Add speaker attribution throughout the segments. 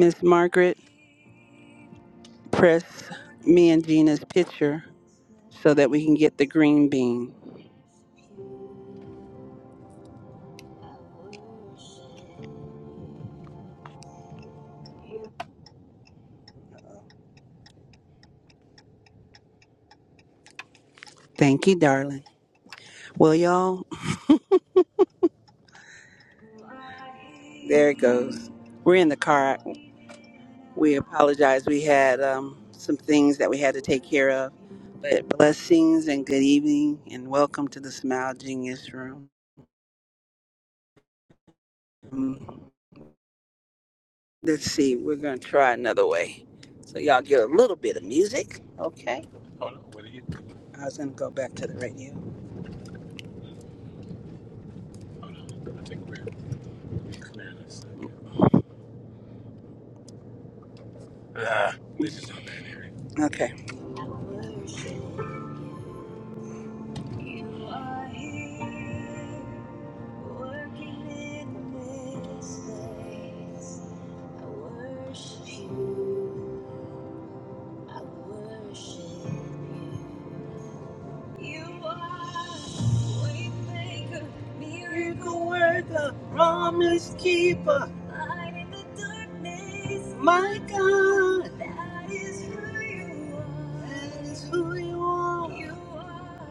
Speaker 1: Miss Margaret, press me and Gina's picture so that we can get the green bean. Thank you, darling. Well, y'all, there it goes. We're in the car. We apologize. We had um, some things that we had to take care of. But blessings and good evening and welcome to the Smile Genius Room. Let's see, we're going to try another way. So, y'all get a little bit of music. Okay. I was going to go back to the radio. Okay. I worship you. You are waymaker, miracle worker, promise keeper, light in the darkness. My God, that is who you are. That is who you are. You are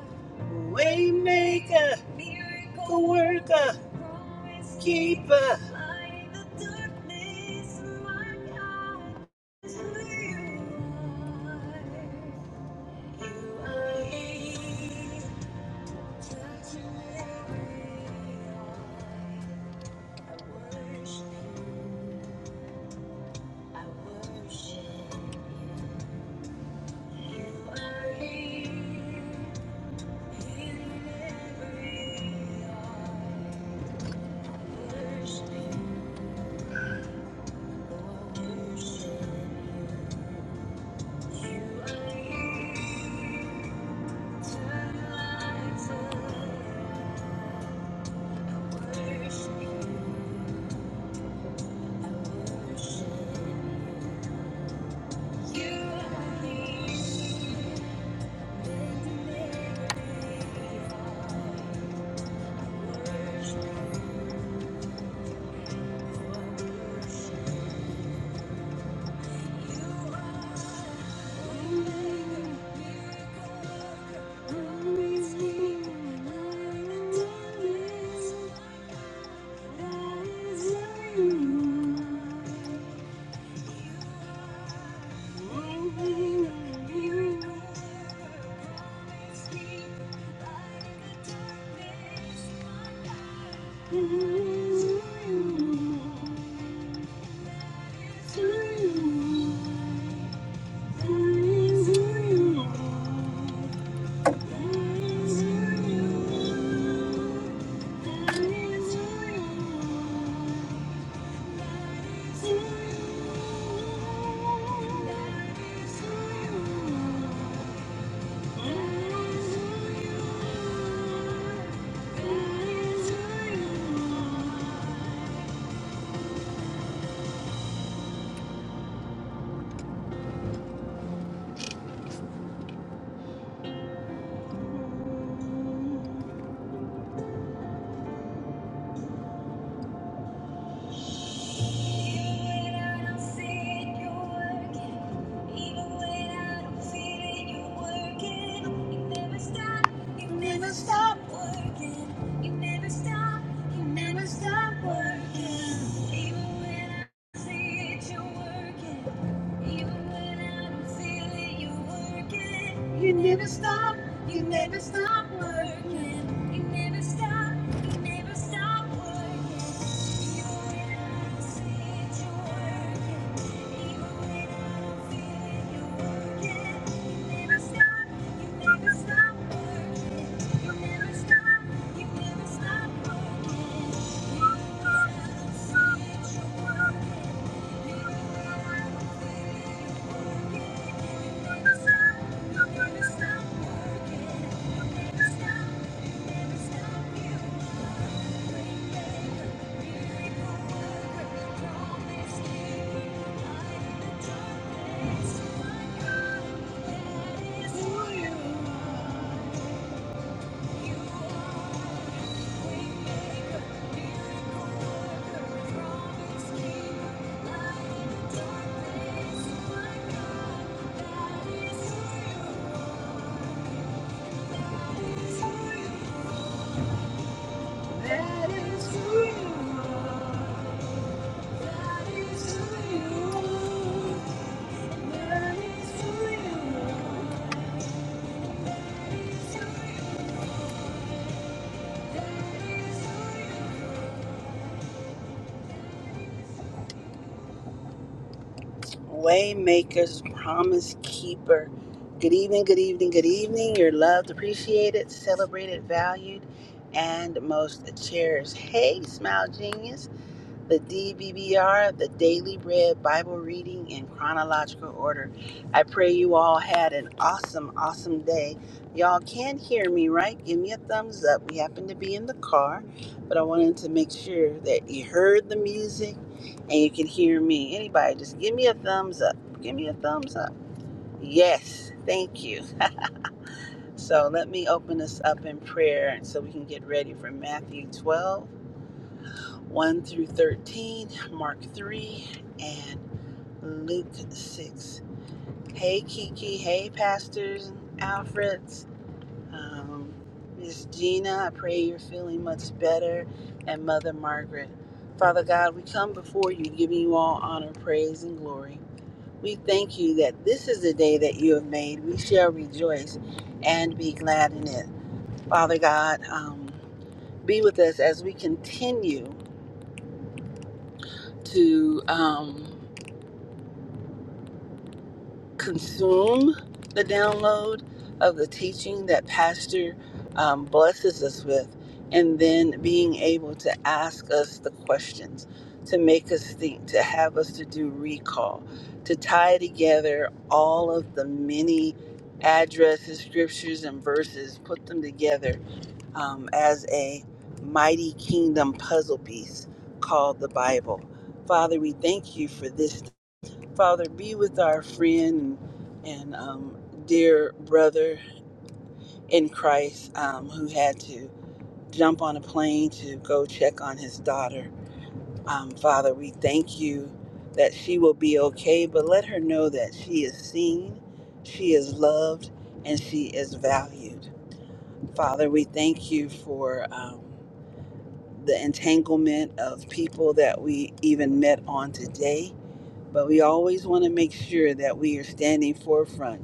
Speaker 1: waymaker, miracle worker, promise keeper, light in the darkness. My God, that is who you are. You are here. Thank you. Thank you. are. You never stop. You never stop working. You never stop. You never stop working. Even when I don't see it, you're working. Even when I don't feel it, you're working. You never stop. You never stop working. You never stop. You never stop working. Even when I don't see it, you're working. Thank you. That is who you are. Waymaker's Promise Keeper. Good evening, good evening, good evening. You're loved, appreciated, celebrated, valued, and most cherished. Hey, Smile Genius the DBBR, the Daily Bread Bible Reading in chronological order. I pray you all had an awesome, awesome day. Y'all can hear me, right? Give me a thumbs up. We happen to be in the car, but I wanted to make sure that you heard the music and you can hear me. Anybody, just give me a thumbs up. Give me a thumbs up. Yes, thank you. So let me open this up in prayer so we can get ready for Matthew 12. 1 through 13, Mark 3, and Luke 6. Hey, Kiki. Hey, pastors and Alfreds. Um, Miss Gina, I pray you're feeling much better. And Mother Margaret. Father God, we come before you, giving you all honor, praise, and glory. We thank you that this is the day that you have made. We shall rejoice and be glad in it. Father God, um, be with us as we continue to. Um, consume the download of the teaching that Pastor um, blesses us with, and then being able to ask us the questions, to make us think, to have us to do recall, to tie together all of the many addresses, scriptures, and verses, put them together um, as a mighty kingdom puzzle piece called the Bible. Father, we thank you for this Father, be with our friend and, and um, dear brother in Christ um, who had to jump on a plane to go check on his daughter. Um, Father, we thank you that she will be okay, but let her know that she is seen, she is loved, and she is valued. Father, we thank you for um, the entanglement of people that we even met on today, but we always want to make sure that we are standing forefront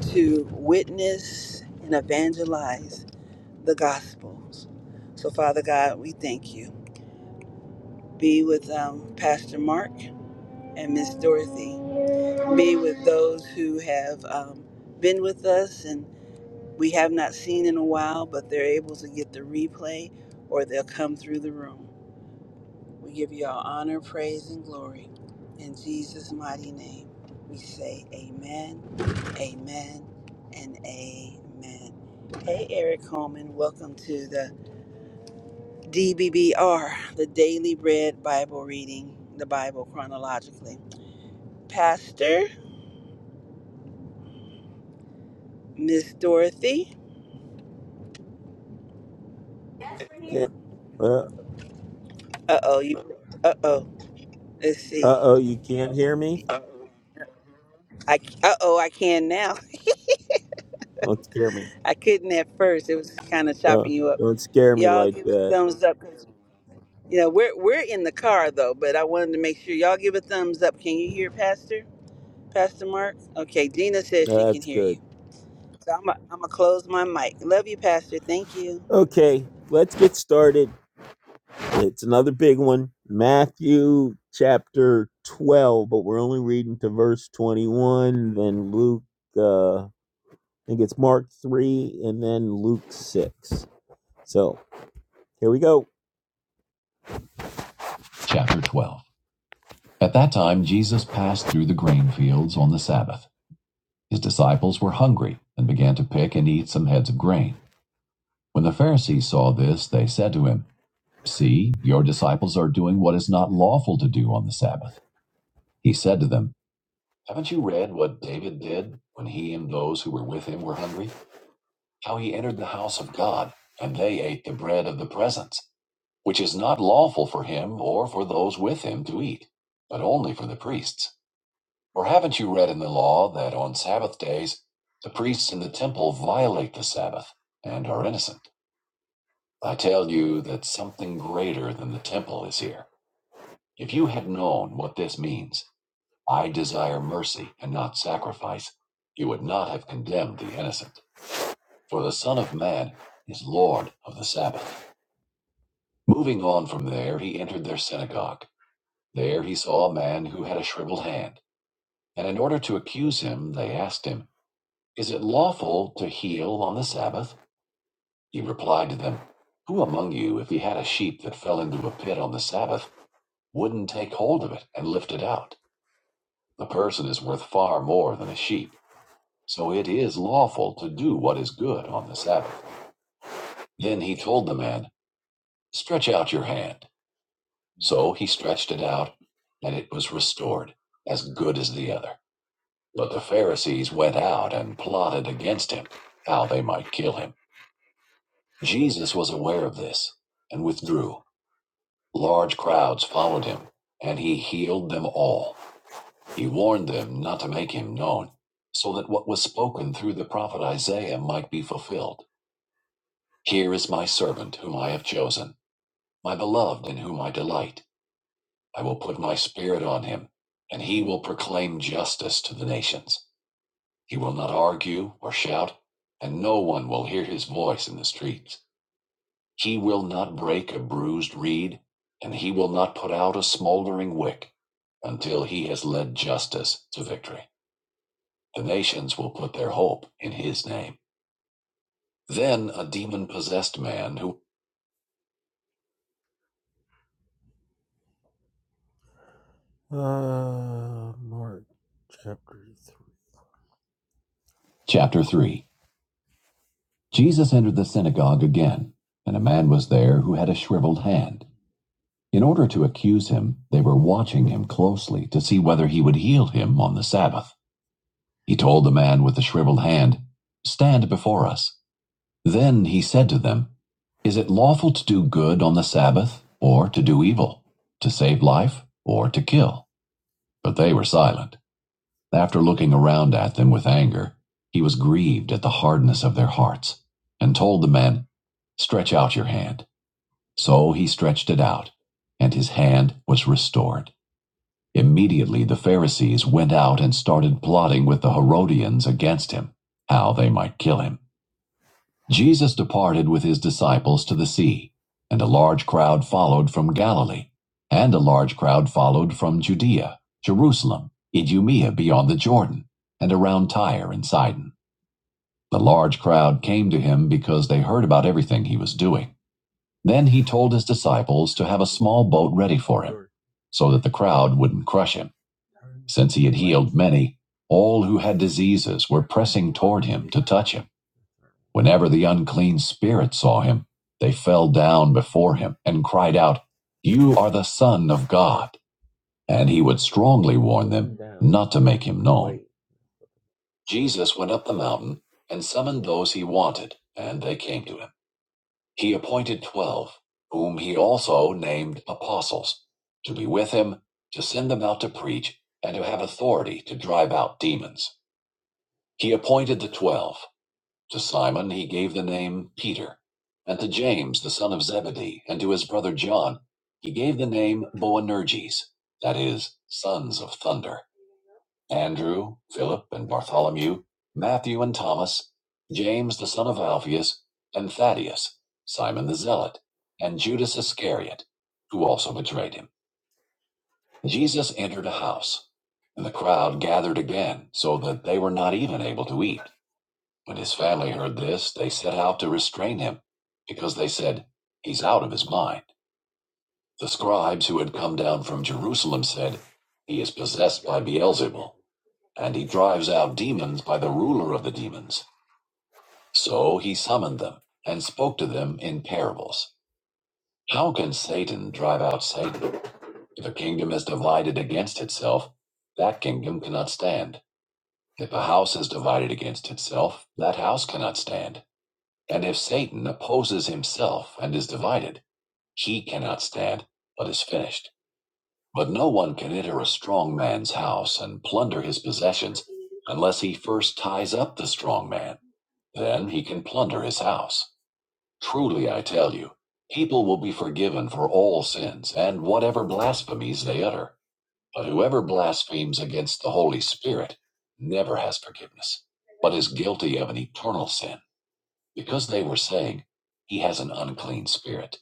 Speaker 1: to witness and evangelize the gospels. So, Father God, we thank you. Be with um, Pastor Mark and Miss Dorothy. Be with those who have um, been with us and we have not seen in a while, but they're able to get the replay or they'll come through the room. We give you all honor, praise, and glory. In Jesus' mighty name, we say amen, amen, and amen. Hey, Eric Coleman, welcome to the DBBR, the Daily Bread Bible Reading, the Bible chronologically. Pastor, Miss Dorothy.
Speaker 2: Uh
Speaker 1: Uh oh, you. Uh oh. Let's see.
Speaker 2: oh, you can't hear me?
Speaker 1: I. Uh oh, I can now.
Speaker 2: Don't scare me.
Speaker 1: I couldn't at first. It was kind of chopping
Speaker 2: Don't,
Speaker 1: you up.
Speaker 2: don't scare me
Speaker 1: Y'all
Speaker 2: like
Speaker 1: give a
Speaker 2: that.
Speaker 1: thumbs up. You know, we're we're in the car though, but I wanted to make sure y'all give a thumbs up. Can you hear Pastor? Pastor Mark? Okay, Gina says she
Speaker 2: No,
Speaker 1: can
Speaker 2: That's
Speaker 1: hear you.
Speaker 2: good.
Speaker 1: So I'm i I'm gonna close my mic. Love you, Pastor. Thank you.
Speaker 2: Okay, let's get started. It's another big one Matthew chapter 12, but we're only reading to verse 21, then Luke, uh, I think it's Mark 3, and then Luke 6. So here we go. Chapter 12. At that time, Jesus passed through the grain fields on the Sabbath. His disciples were hungry and began to pick and eat some heads of grain. When the Pharisees saw this, they said to him, See, your disciples are doing what is not lawful to do on the Sabbath. He said to them, Haven't you read what David did when he and those who were with him were hungry? How he entered the house of God, and they ate the bread of the presence, which is not lawful for him or for those with him to eat, but only for the priests. Or haven't you read in the law that on Sabbath days the priests in the temple violate the Sabbath and are innocent? I tell you that something greater than the temple is here. If you had known what this means, I desire mercy and not sacrifice, you would not have condemned the innocent, for the Son of Man is Lord of the Sabbath. Moving on from there, he entered their synagogue. There he saw a man who had a shriveled hand, and in order to accuse him, they asked him, Is it lawful to heal on the Sabbath? He replied to them, Who among you, if he had a sheep that fell into a pit on the Sabbath, wouldn't take hold of it and lift it out. The person is worth far more than a sheep, so it is lawful to do what is good on the Sabbath. Then he told the man, Stretch out your hand. So he stretched it out, and it was restored, as good as the other. But the Pharisees went out and plotted against him, how they might kill him. Jesus was aware of this, and withdrew. Large crowds followed him, and he healed them all. He warned them not to make him known, so that what was spoken through the prophet Isaiah might be fulfilled. Here is my servant whom I have chosen, my beloved in whom I delight. I will put my spirit on him, and he will proclaim justice to the nations. He will not argue or shout, and no one will hear his voice in the streets. He will not break a bruised reed, and he will not put out a smoldering wick until he has led justice to victory. The nations will put their hope in his name. Then a demon possessed man who. Uh, Mark chapter 3. Chapter 3 Jesus entered the synagogue again, and a man was there who had a shriveled hand. In order to accuse him, they were watching him closely to see whether he would heal him on the Sabbath. He told the man with the shriveled hand, Stand before us. Then he said to them, Is it lawful to do good on the Sabbath, or to do evil, to save life, or to kill? But they were silent. After looking around at them with anger, he was grieved at the hardness of their hearts, and told the man, Stretch out your hand. So he stretched it out, and his hand was restored. Immediately the Pharisees went out and started plotting with the Herodians against him, how they might kill him. Jesus departed with his disciples to the sea, and a large crowd followed from Galilee, and a large crowd followed from Judea, Jerusalem, Idumea beyond the Jordan, and around Tyre and Sidon. The large crowd came to him because they heard about everything he was doing. Then he told his disciples to have a small boat ready for him, so that the crowd wouldn't crush him. Since he had healed many, all who had diseases were pressing toward him to touch him. Whenever the unclean spirit saw him, they fell down before him and cried out, You are the Son of God. And he would strongly warn them not to make him known. Jesus went up the mountain and summoned those he wanted, and they came to him. He appointed twelve, whom he also named apostles, to be with him, to send them out to preach, and to have authority to drive out demons. He appointed the twelve To Simon he gave the name Peter, and to James the son of Zebedee, and to his brother John he gave the name Boanerges, that is, sons of thunder. Andrew, Philip, and Bartholomew, Matthew and Thomas, James the son of Alphaeus, and Thaddeus, Simon the Zealot, and Judas Iscariot, who also betrayed him. Jesus entered a house, and the crowd gathered again, so that they were not even able to eat. When his family heard this, they set out to restrain him, because they said, He's out of his mind. The scribes who had come down from Jerusalem said, He is possessed by Beelzebul, and he drives out demons by the ruler of the demons. So he summoned them and spoke to them in parables. How can Satan drive out Satan? If a kingdom is divided against itself, that kingdom cannot stand. If a house is divided against itself, that house cannot stand. And if Satan opposes himself and is divided, he cannot stand, but is finished. But no one can enter a strong man's house and plunder his possessions unless he first ties up the strong man. Then he can plunder his house. Truly, I tell you, people will be forgiven for all sins and whatever blasphemies they utter. But whoever blasphemes against the Holy Spirit never has forgiveness, but is guilty of an eternal sin because they were saying, He has an unclean spirit.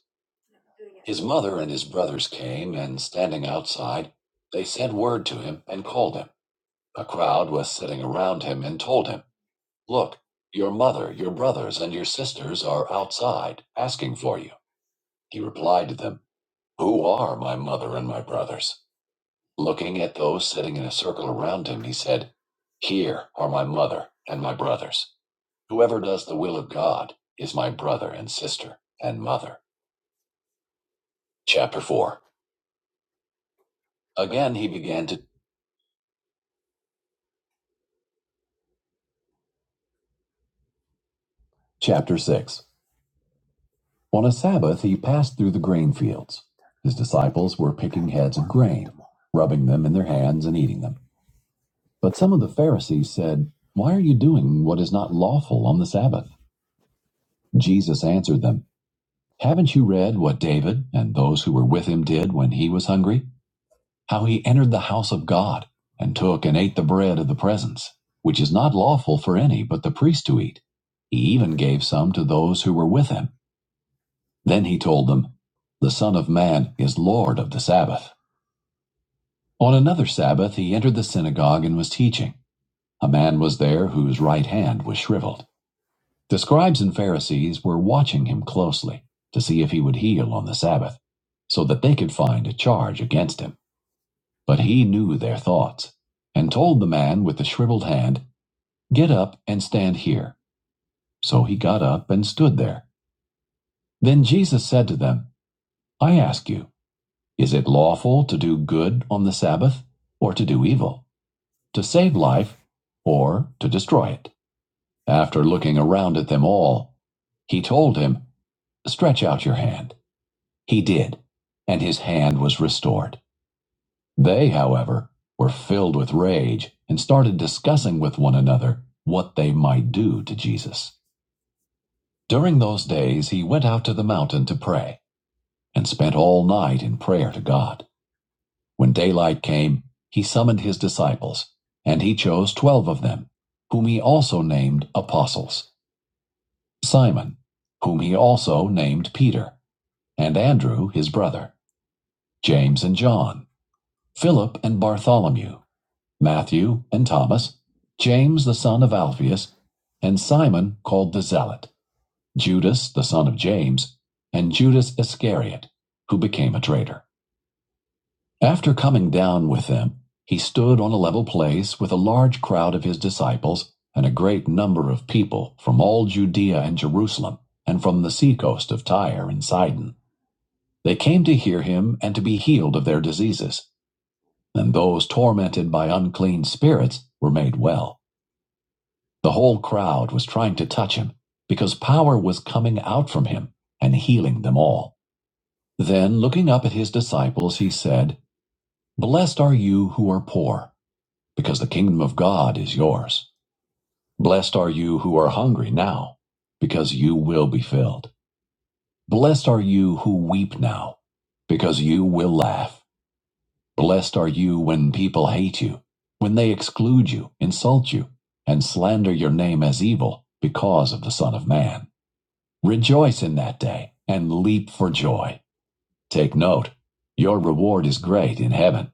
Speaker 2: His mother and his brothers came, and standing outside, they sent word to him and called him. A crowd was sitting around him and told him, Look, your mother, your brothers, and your sisters are outside, asking for you. He replied to them, Who are my mother and my brothers? Looking at those sitting in a circle around him, he said, Here are my mother and my brothers. Whoever does the will of God is my brother and sister and mother. Chapter 4. Again he began to. Chapter 6. On a Sabbath he passed through the grain fields. His disciples were picking heads of grain, rubbing them in their hands and eating them. But some of the Pharisees said, Why are you doing what is not lawful on the Sabbath? Jesus answered them, Haven't you read what David and those who were with him did when he was hungry? how he entered the house of God, and took and ate the bread of the presence, which is not lawful for any but the priest to eat. He even gave some to those who were with him. Then he told them, The Son of Man is Lord of the Sabbath. On another Sabbath he entered the synagogue and was teaching. A man was there whose right hand was shriveled. The scribes and Pharisees were watching him closely to see if he would heal on the Sabbath, so that they could find a charge against him. But he knew their thoughts, and told the man with the shriveled hand, Get up and stand here. So he got up and stood there. Then Jesus said to them, I ask you, is it lawful to do good on the Sabbath, or to do evil, to save life, or to destroy it? After looking around at them all, he told him, Stretch out your hand. He did, and his hand was restored. They, however, were filled with rage and started discussing with one another what they might do to Jesus. During those days, he went out to the mountain to pray and spent all night in prayer to God. When daylight came, he summoned his disciples, and he chose twelve of them, whom he also named apostles Simon, whom he also named Peter, and Andrew his brother, James and John, Philip and Bartholomew Matthew and Thomas, James the son of Alphaeus, and Simon called the Zealot, Judas the son of James, and Judas Iscariot, who became a traitor. After coming down with them, he stood on a level place with a large crowd of his disciples and a great number of people from all Judea and Jerusalem and from the seacoast of Tyre and Sidon. They came to hear him and to be healed of their diseases, and those tormented by unclean spirits were made well. The whole crowd was trying to touch him, because power was coming out from him and healing them all. Then, looking up at his disciples, he said, Blessed are you who are poor, because the kingdom of God is yours. Blessed are you who are hungry now, because you will be filled. Blessed are you who weep now, because you will laugh. Blessed are you when people hate you, when they exclude you, insult you, and slander your name as evil because of the Son of Man. Rejoice in that day and leap for joy. Take note, your reward is great in heaven,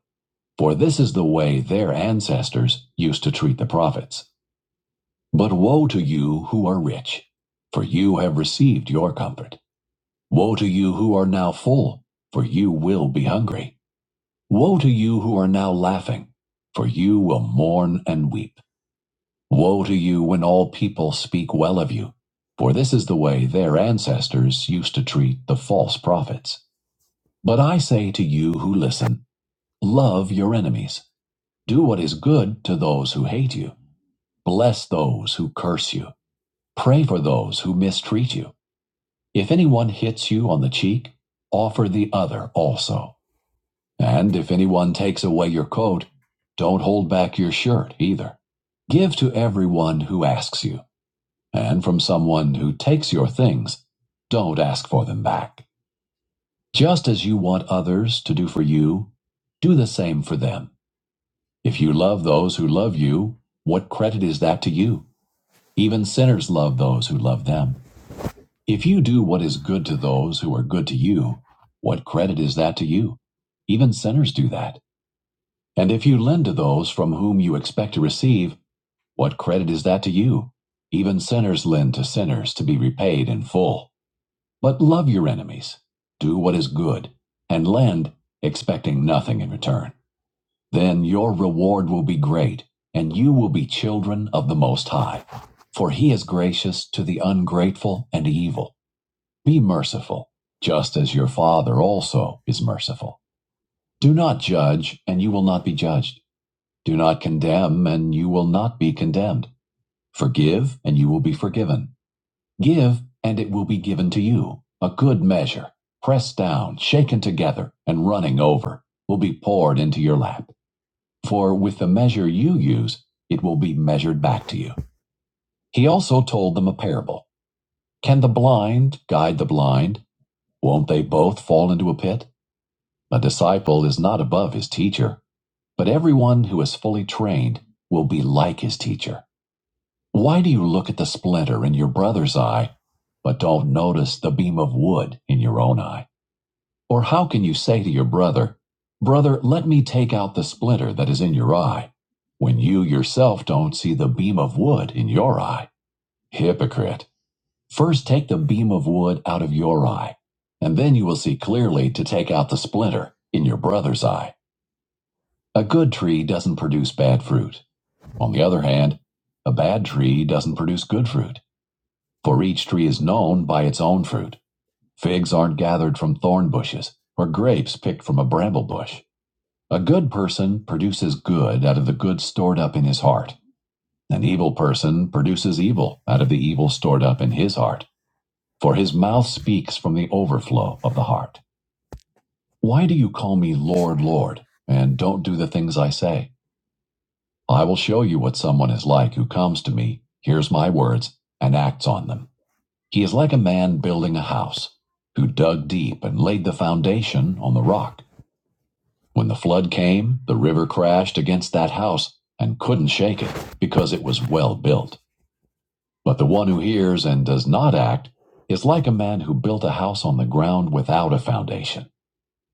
Speaker 2: for this is the way their ancestors used to treat the prophets. But woe to you who are rich, for you have received your comfort. Woe to you who are now full, for you will be hungry. Woe to you who are now laughing, for you will mourn and weep. Woe to you when all people speak well of you, for this is the way their ancestors used to treat the false prophets. But I say to you who listen, love your enemies, do what is good to those who hate you, bless those who curse you, pray for those who mistreat you. If anyone hits you on the cheek, offer the other also. And if anyone takes away your coat, don't hold back your shirt either. Give to everyone who asks you. and from someone who takes your things, don't ask for them back. Just as you want others to do for you, do the same for them. If you love those who love you, what credit is that to you? Even sinners love those who love them. If you do what is good to those who are good to you, what credit is that to you? Even sinners do that. And if you lend to those from whom you expect to receive, what credit is that to you? Even sinners lend to sinners to be repaid in full. But love your enemies, do what is good, and lend, expecting nothing in return. Then your reward will be great, and you will be children of the Most High. For he is gracious to the ungrateful and evil. Be merciful, just as your Father also is merciful. Do not judge, and you will not be judged. Do not condemn, and you will not be condemned. Forgive, and you will be forgiven. Give, and it will be given to you. A good measure, pressed down, shaken together, and running over, will be poured into your lap. For with the measure you use, it will be measured back to you. He also told them a parable. Can the blind guide the blind? Won't they both fall into a pit? A disciple is not above his teacher, but everyone who is fully trained will be like his teacher. Why do you look at the splinter in your brother's eye, but don't notice the beam of wood in your own eye? Or how can you say to your brother, Brother, let me take out the splinter that is in your eye, when you yourself don't see the beam of wood in your eye? Hypocrite! First take the beam of wood out of your eye, and then you will see clearly to take out the splinter in your brother's eye. A good tree doesn't produce bad fruit. On the other hand, a bad tree doesn't produce good fruit. For each tree is known by its own fruit. Figs aren't gathered from thorn bushes, or grapes picked from a bramble bush. A good person produces good out of the good stored up in his heart. An evil person produces evil out of the evil stored up in his heart. For his mouth speaks from the overflow of the heart. Why do you call me Lord, Lord, and don't do the things I say? I will show you what someone is like who comes to me, hears my words, and acts on them. He is like a man building a house who dug deep and laid the foundation on the rock. When the flood came, the river crashed against that house and couldn't shake it because it was well built. But the one who hears and does not act is like a man who built a house on the ground without a foundation.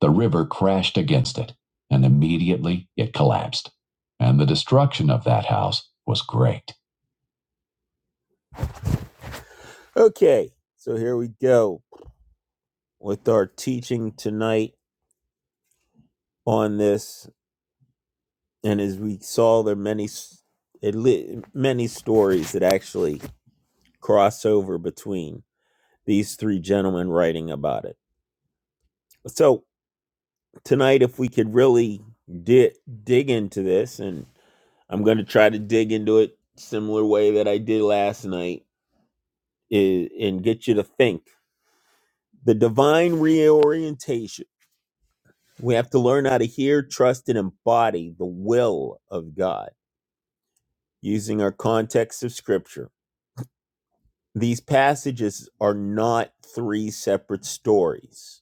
Speaker 2: The river crashed against it, and immediately it collapsed. And the destruction of that house was great. Okay, so here we go with our teaching tonight on this. and as we saw, there are many s- it li- many stories that actually cross over between these three gentlemen writing about it. So tonight, if we could really di- dig into this, and I'm going to try to dig into it similar way that I did last night, is, and get you to think the divine reorientation. We have to learn how to hear, trust, and embody the will of God using our context of Scripture. These passages are not three separate stories,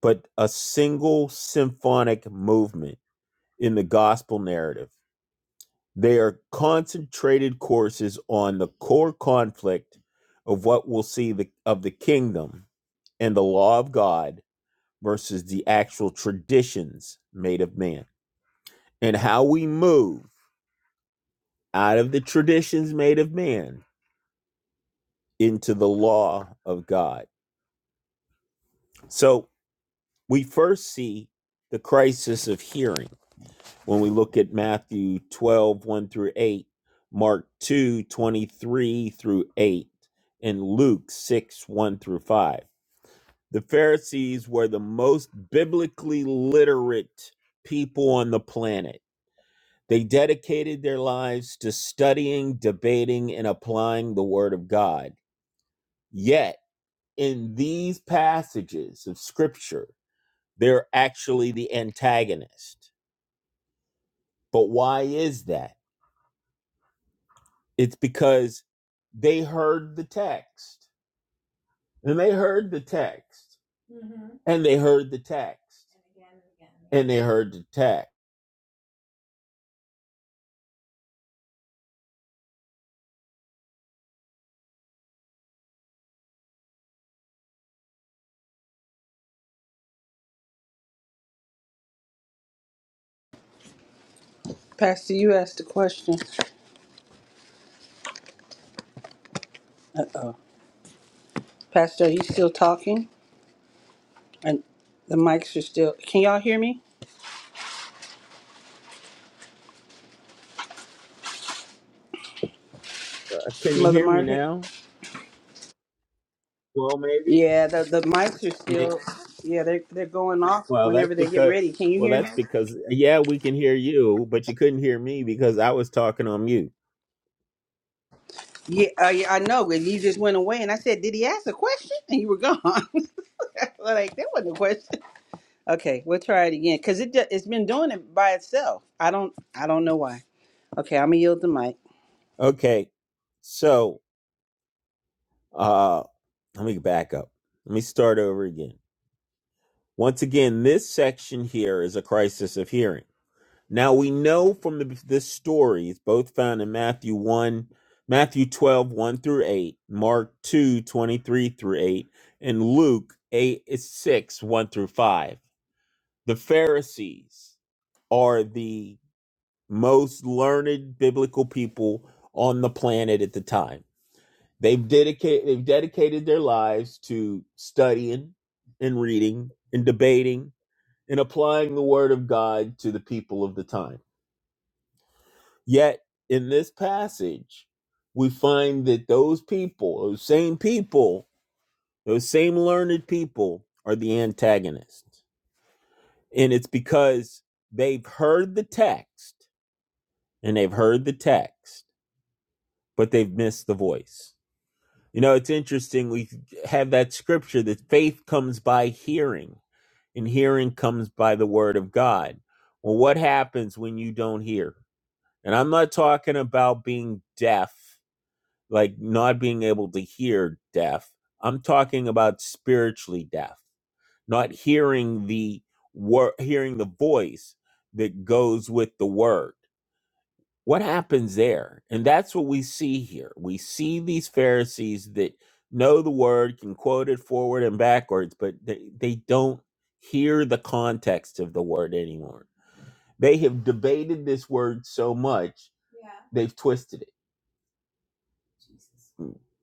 Speaker 2: but a single symphonic movement in the gospel narrative. They are concentrated courses on the core conflict of what we'll see the, of the kingdom and the law of God versus the actual traditions made of man, and how we move out of the traditions made of man into the law of God. So we first see the crisis of hearing when we look at Matthew twelve one through 8, Mark 2 23 through 8, and Luke 6, 1 through 5. The Pharisees were the most biblically literate people on the planet. They dedicated their lives to studying, debating, and applying the Word of God. Yet, in these passages of Scripture, they're actually the antagonist But why is that? It's because they heard the text. And they heard the text. And they heard the text. And they heard the text.
Speaker 1: Pastor, you asked a question. Uh oh. Pastor, are you still talking? And the mics are still. Can y'all hear me,
Speaker 2: Uh, can you
Speaker 1: Mother
Speaker 2: hear me
Speaker 1: Margaret?
Speaker 2: now? Well, maybe.
Speaker 1: Yeah, the the mics are
Speaker 2: May-
Speaker 1: still. Yeah, they're they're going off
Speaker 2: Well, that's
Speaker 1: whenever they get
Speaker 2: because
Speaker 1: ready. Can you
Speaker 2: well,
Speaker 1: hear me?
Speaker 2: that's because yeah, we can hear you, but you couldn't hear me because I was talking on mute.
Speaker 1: Yeah, uh, yeah I know. but You just went away, and I said, "Did he ask a question?" And you were gone. like that wasn't a question. Okay, we'll try it again because it ju- it's been doing it by itself. I don't I don't know why. Okay, I'm gonna yield the mic.
Speaker 2: Okay. So, uh let me back up. Let me start over again. Once again, this section here is a crisis of hearing. Now we know from the, this story, it's both found in Matthew 1, Matthew twelve one through 8, Mark 2 23 through 8, and Luke 8 eh, six one through 5. The Pharisees are the most learned biblical people on the planet at the time. They've dedicated they've dedicated their lives to studying and reading and debating and applying the word of God to the people of the time Yet in this passage, we find that those people, those same people, those same learned people are the antagonists. And it's because they've heard the text and they've heard the text, but they've missed the voice. You know, it's interesting. We have that scripture that faith comes by hearing, and hearing comes by the word of God. Well, what happens when you don't hear? And I'm not talking about being deaf like not being able to hear deaf. I'm talking about spiritually deaf, not hearing the word, hearing the voice that goes with the word. What happens there? And that's what we see here. We see these Pharisees that know the word, can quote it forward and backwards, but they, they don't hear the context of the word anymore. They have debated this word so much, they've twisted it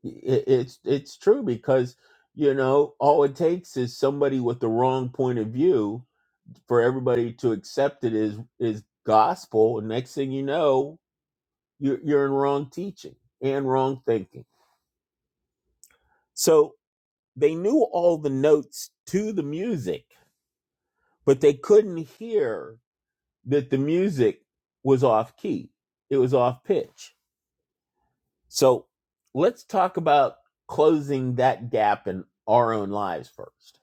Speaker 2: it, it's it's true because you know all it takes is somebody with the wrong point of view for everybody to accept it is is gospel and next thing you know you're, you're in wrong teaching and wrong thinking so they knew all the notes to the music but they couldn't hear that the music was off key it was off pitch so let's talk about closing that gap in our own lives first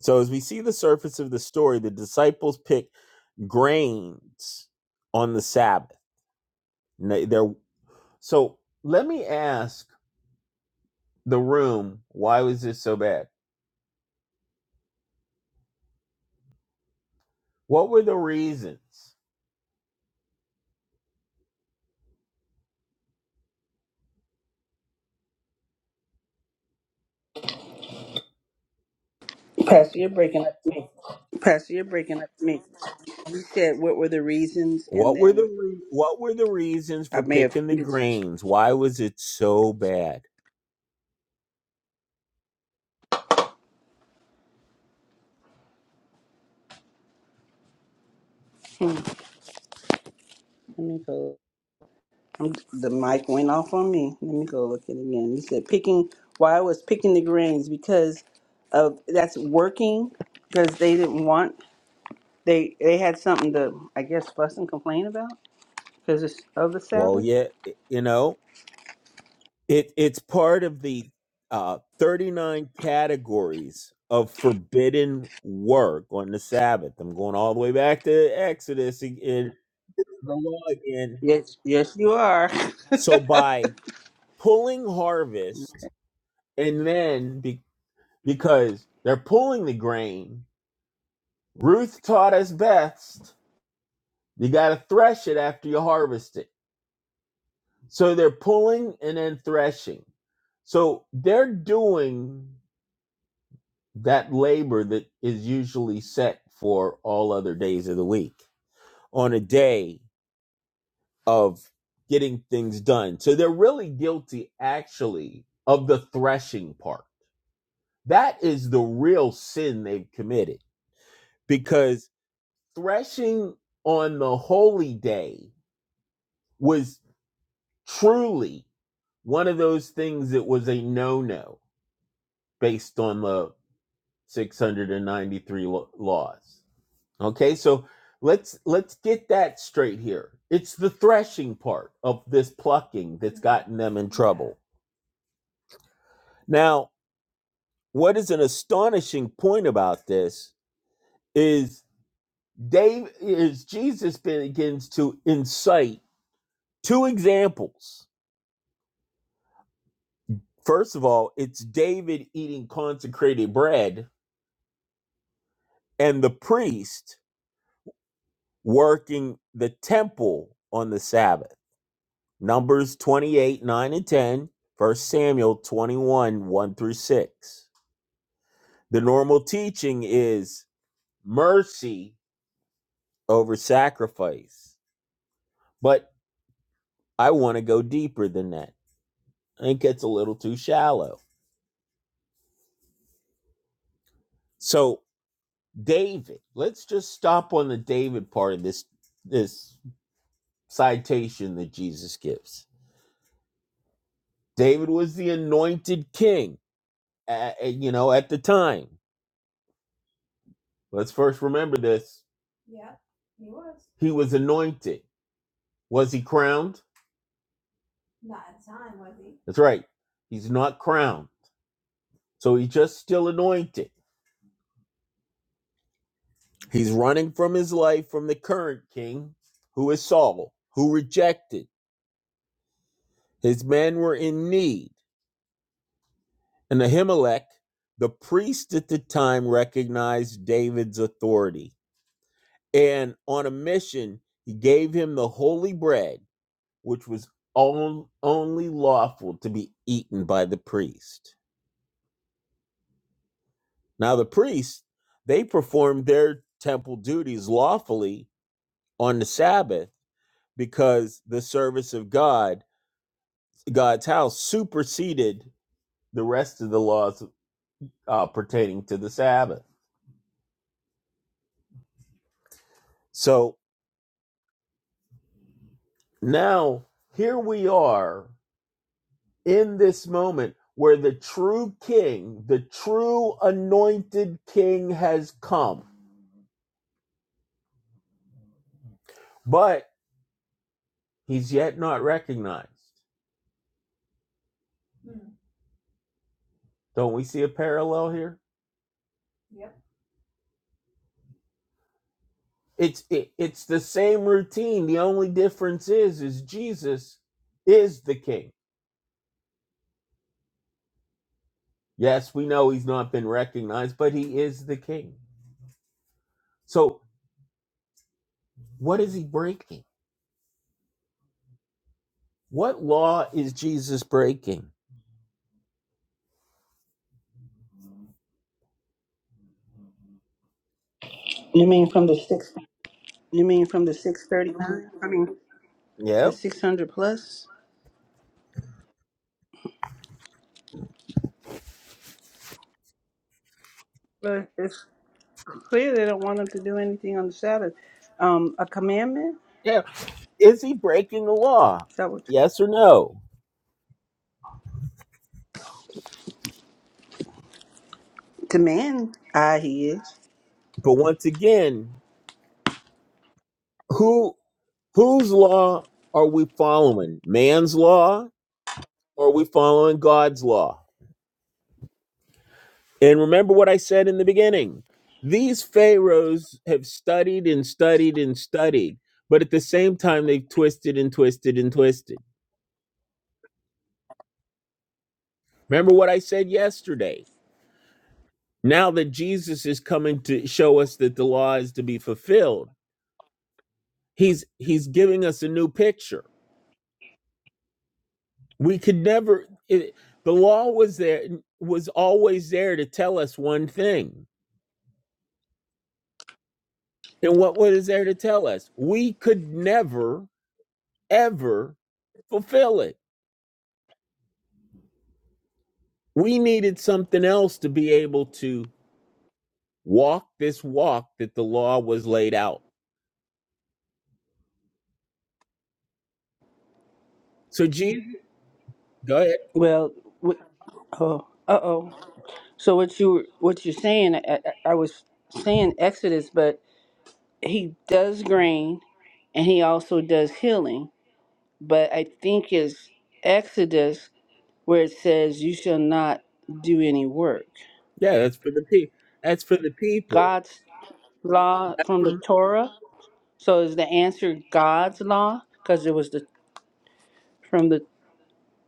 Speaker 2: So, as we see the surface of the story, the disciples pick grains on the Sabbath. N- they're- so, let me ask the room why was this so bad? What were the reasons? Pastor, you're breaking up.
Speaker 1: Pastor, you're breaking up to me. You said what were the reasons, and
Speaker 2: What were the
Speaker 1: then
Speaker 2: re- what were the reasons
Speaker 1: I
Speaker 2: for
Speaker 1: may have.
Speaker 2: picking the
Speaker 1: Let
Speaker 2: grains? Why was it so bad?
Speaker 1: me go. I'm, the mic went off on me. Let me go look at it again. You said picking. Why I was picking the grains because of that's working because they didn't want they they had something to I guess fuss and complain about because it's of the
Speaker 2: Well,
Speaker 1: Sabbath.
Speaker 2: yeah, you know. It it's part of the uh, 39 categories of forbidden work on the Sabbath. I'm going all the way back to Exodus again, the law again.
Speaker 1: Yes, yes, you are.
Speaker 2: So by pulling harvest and then be, because they're pulling the grain, Ruth taught us best. You got to thresh it after you harvest it. So they're pulling and then threshing. So they're doing that labor that is usually set for all other days of the week on a day of getting things done. So they're really guilty actually of the threshing part. That is the real sin they've committed because threshing on the holy day was truly one of those things that was a no no based on the 693 laws. Okay, so let's let's get that straight here. It's the threshing part of this plucking that's gotten them in. trouble. Now, what is an astonishing point about this is Dave is Jesus begins to incite two examples. First of all, it's David eating consecrated bread and the priest working the temple on the Sabbath. Numbers 28, 9 and 10, First Samuel 21, 1 through 6. The normal teaching is mercy over sacrifice. But I want to go deeper than that. I think it's a little too shallow. So David, let's just stop on the David part of this this citation that Jesus gives. David was the anointed king, uh, uh, you know, at the time. Let's first remember this. He was anointed. Was he crowned? That's right. He's not crowned. So he's just still anointed. He's running from his life from the current king, who is Saul, who rejected. His men were in need. And Ahimelech, the priest at the time, recognized David's authority. And on a mission, he gave him the holy bread, which was on- only lawful to be eaten by the priest. Now, the priests, they performed their temple duties lawfully on the Sabbath because the service of God, God's house, superseded the rest of the laws uh, pertaining to the Sabbath. So now here we are in this moment where the true king, the true anointed king has come, but he's yet not recognized. Don't we see a parallel here? It's it, it's the same routine. The only difference is is Jesus is the king. Yes, we know he's not been recognized, but he is the king. So, what is he breaking? What law is Jesus breaking? You mean from the sixth?
Speaker 1: You mean from the six thirty? I mean the
Speaker 2: Yep.
Speaker 1: six hundred plus. But it's clear they don't want them to do anything on the Sabbath. Um, a commandment.
Speaker 2: Yeah. Is he breaking the law?
Speaker 1: Is that what
Speaker 2: Yes or no?
Speaker 1: command? Ah, he is.
Speaker 2: But once again, who whose law are we following? Man's law or are we following God's law? And remember what I said in the beginning these pharaohs have studied and studied and studied, but at the same time, they've twisted and twisted and twisted. Remember what I said yesterday? Now that Jesus is coming to show us that the law is to be fulfilled, he's he's giving us a new picture. We could never it, the law was there was always there to tell us one thing. And what was there to tell us? We could never ever fulfill it We needed something else to be able to walk this walk that the law was laid out. So Jesus, go ahead.
Speaker 1: Well, what, oh, uh oh. So what you were- what you're saying? I, I I was saying Exodus, but he does grain, and he also does healing. But I think it's Exodus where it says, "You shall not do any work."
Speaker 2: Yeah, that's for the people. That's for the people.
Speaker 1: God's law from the Torah. So is the answer God's law? Because it was the from the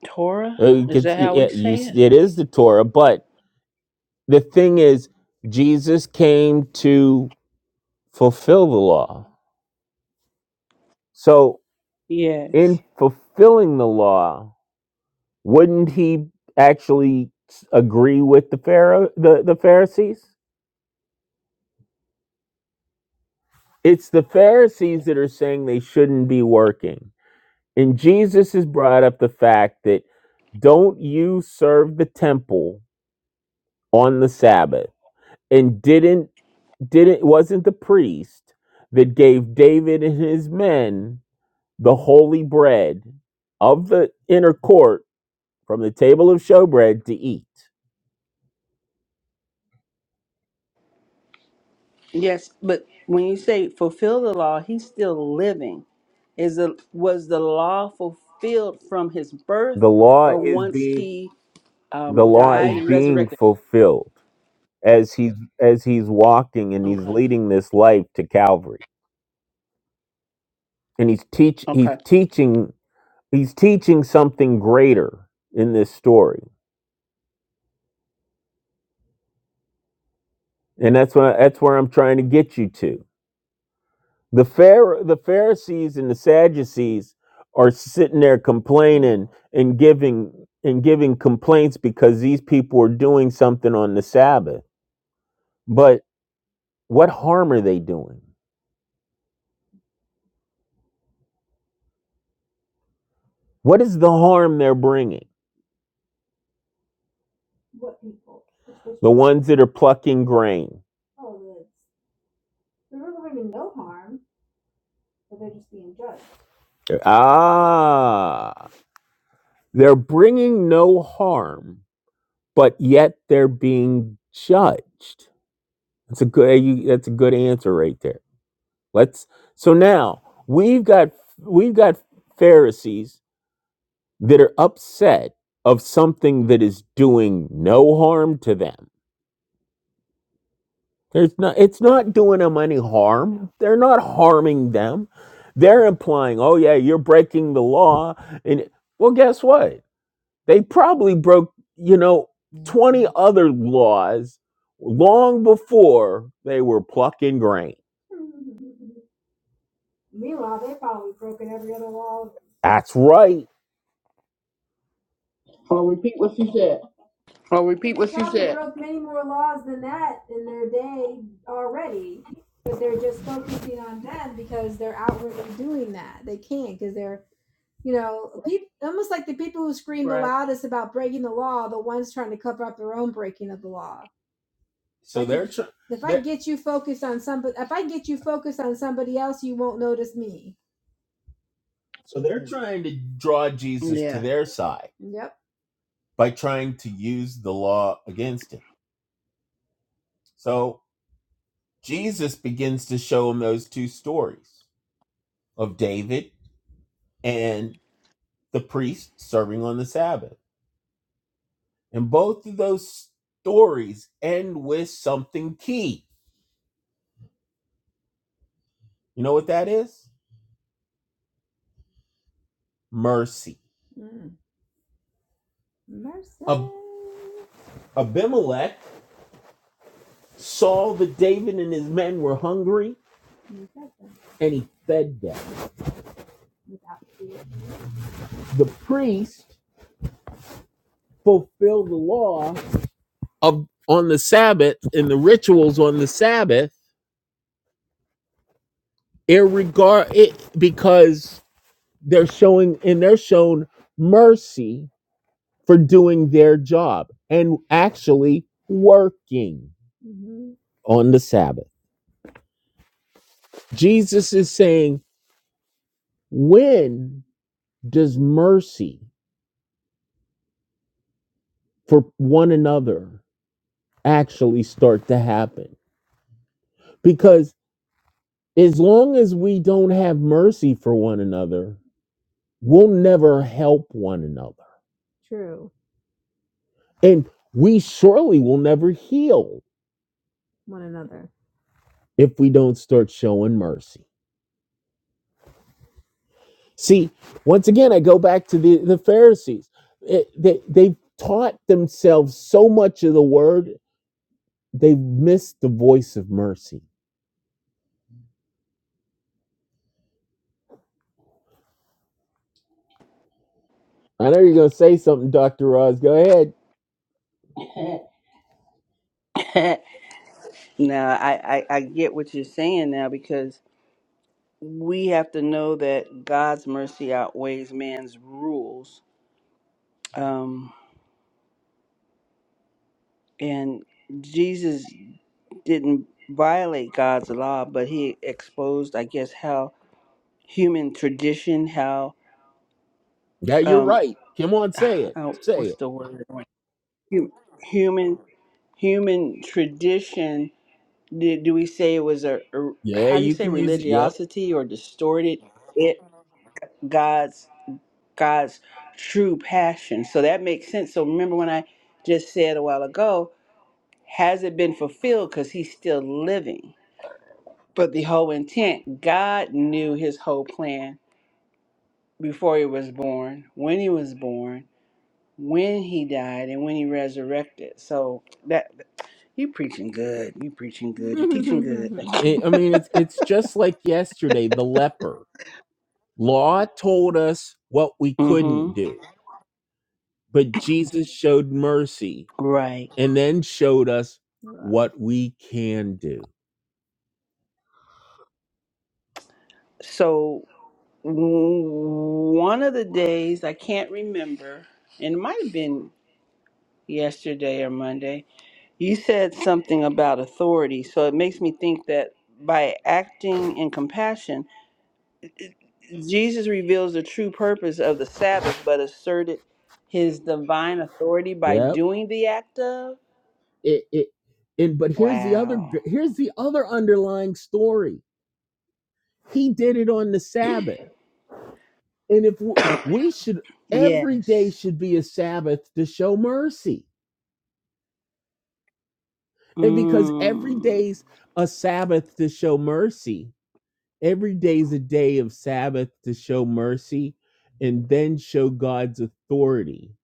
Speaker 1: Torah.
Speaker 2: Uh, it
Speaker 1: Is that how
Speaker 2: yeah,
Speaker 1: we
Speaker 2: you
Speaker 1: say it?
Speaker 2: it is the Torah, but the thing is, Jesus came to fulfill the law. So,
Speaker 1: Yes.
Speaker 2: in fulfilling the law, wouldn't he actually s- agree with the Pharaoh, the, the Pharisees? It's the Pharisees that are saying they shouldn't be working. And Jesus has brought up the fact that don't you serve the temple on the Sabbath? And didn't didn't wasn't the priest that gave David and his men the holy bread of the inner court from the table of showbread to eat?
Speaker 1: Yes, but when you say fulfill the law, he's still living. Is the was the law fulfilled from his birth,
Speaker 2: The law
Speaker 1: or
Speaker 2: is
Speaker 1: once
Speaker 2: being
Speaker 1: he
Speaker 2: the
Speaker 1: um,
Speaker 2: law
Speaker 1: died
Speaker 2: is
Speaker 1: and
Speaker 2: being
Speaker 1: resurrected?
Speaker 2: fulfilled as he's as he's walking and he's
Speaker 1: Okay.
Speaker 2: leading this life to Calvary. and he's teach he's
Speaker 1: Okay.
Speaker 2: teaching he's teaching something greater in this story and that's what that's where i'm trying to get you to the Phar- the pharisees and the sadducees are sitting there complaining and giving and giving complaints because these people are doing something on the sabbath but what harm are they doing what is the harm they're bringing ones that are plucking grain ah they're bringing no harm but yet they're being judged. That's a good you, that's a good answer right there. Let's so now we've got we've got Pharisees that are upset of something that is doing no harm to them. There's not it's not doing them any harm. They're not harming them. They're implying, "Oh yeah, you're breaking the law." And well, guess what? They probably broke, you know, 20 Mhm. other laws long before they were plucking grain. That's right. I'll repeat what you said.
Speaker 1: Well, repeat what you said. Right.
Speaker 2: So they're trying to draw Jesus to
Speaker 1: Yeah.
Speaker 2: their side by trying to use the law against him. So Jesus begins to show him those two stories of David and the priest serving on the Sabbath. And both of those stories end with something key. You know what that is? mercy. Abimelech saw that David and his men were hungry and he fed them. The priest fulfilled the law of on the Sabbath and the rituals on the Sabbath irregard it because they're showing and they're shown mercy for doing their job and actually working on the Sabbath. Jesus is saying, when does mercy for one another actually start to happen. Because as long as we don't have mercy for one another, we'll never help one another. And we surely will never heal if we don't start showing mercy. See, once again, I go back to the, the Pharisees. It- they, they've taught themselves so much of the word, they've missed the voice of mercy. I know you're going to say something, Dr. Oz. Go ahead.
Speaker 1: no, I, I I get what you're saying now because we have to know that God's mercy outweighs man's rules. Um, and Jesus didn't violate God's law, but he exposed, I guess, how human tradition, how
Speaker 2: Yeah, you're
Speaker 1: um,
Speaker 2: right. Come on, say it.
Speaker 1: how-
Speaker 2: Say it.
Speaker 1: what's the word? Hu- Human, human tradition. Do, do we say it was a, a-
Speaker 2: Yeah,
Speaker 1: how do you
Speaker 2: you
Speaker 1: say
Speaker 2: can use it. Yep.
Speaker 1: religiosity or distorted it? God's true passion. So that makes sense. So remember when I just said a while ago, has it been fulfilled? Because he's still living. But the whole intent, God knew his whole plan before he was born, when he was born, when he died, and when he resurrected. So that you preaching good. You preaching good. You teaching good. Thank you.
Speaker 2: I mean, it's it's just like yesterday, the leper. Law told us what we couldn't
Speaker 1: Mm-hmm.
Speaker 2: do, but Jesus showed mercy
Speaker 1: Right.
Speaker 2: and then showed us what we can do.
Speaker 1: So w- one of the days I can't remember, and it might have been. yesterday or Monday. You said something about authority, so it makes me think that by acting in compassion, Jesus reveals the true purpose of the Sabbath, but asserted his divine authority by
Speaker 2: Yep.
Speaker 1: doing the act of.
Speaker 2: It it and but here's the other gr-
Speaker 1: Wow.
Speaker 2: here's the other underlying story. He did it on the Sabbath. And if w- we should every day
Speaker 1: Yes.
Speaker 2: should be a Sabbath to show mercy. And because every
Speaker 1: Mm,
Speaker 2: day's a Sabbath to show mercy, Every day is a day of Sabbath to show mercy and then show God's authority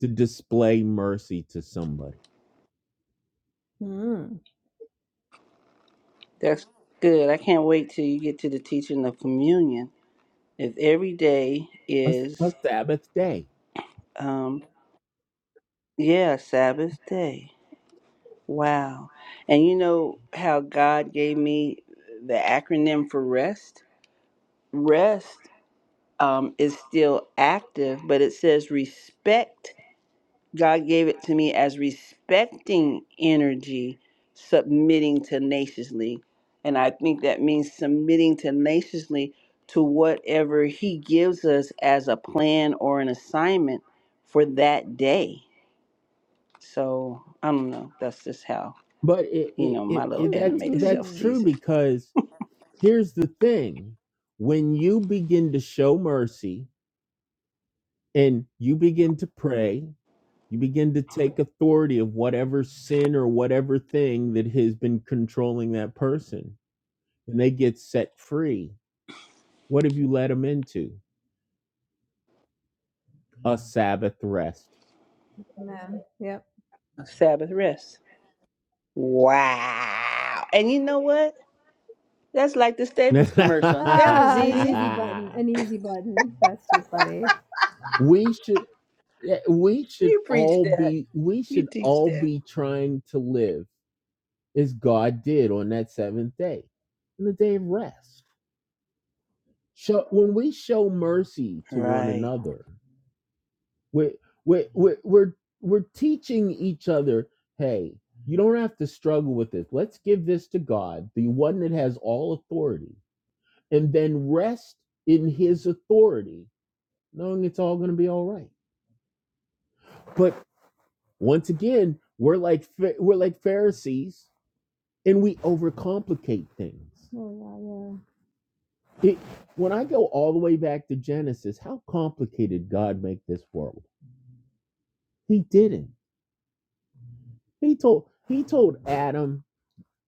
Speaker 2: to display mercy to somebody.
Speaker 1: that's good. I can't wait till you get to the teaching of communion. If every day
Speaker 2: A
Speaker 1: is,
Speaker 2: a Sabbath day.
Speaker 1: um, yeah, Sabbath day. Wow. And you know how God gave me the acronym for REST? REST um, is still active, but it says respect. God gave it to me as respecting energy, submitting tenaciously. And I think that means submitting tenaciously to whatever He gives us as a plan or an assignment for that day. So I don't know. That's just how.
Speaker 2: But it,
Speaker 1: You
Speaker 2: it,
Speaker 1: know, my
Speaker 2: it,
Speaker 1: little animated self
Speaker 2: true
Speaker 1: sees it.
Speaker 2: because here's the thing when you begin to show mercy, and you begin to pray you begin to take authority of whatever sin or whatever thing that has been controlling that person and they get set free what have you led them into a sabbath rest
Speaker 1: A Sabbath rest. Wow. And you know what? That's like the Staples commercial. That was easy.
Speaker 2: we should yeah, we should
Speaker 1: You preach
Speaker 2: all
Speaker 1: that.
Speaker 2: be we
Speaker 1: You
Speaker 2: should
Speaker 1: teach
Speaker 2: all
Speaker 1: that.
Speaker 2: be trying to live as god did on that seventh day on the day of rest so when we show mercy to one
Speaker 1: Right.
Speaker 2: another We're we're we're we're, we're teaching each other, hey, you don't have to struggle with this. Let's give this to God, the one that has all authority, and then rest in his authority, knowing it's all going to be all right. But once again, we're like we're like Pharisees and we overcomplicate things. It, when I go all the way back to Genesis, how complicated God make this world? He didn't. He told he told Adam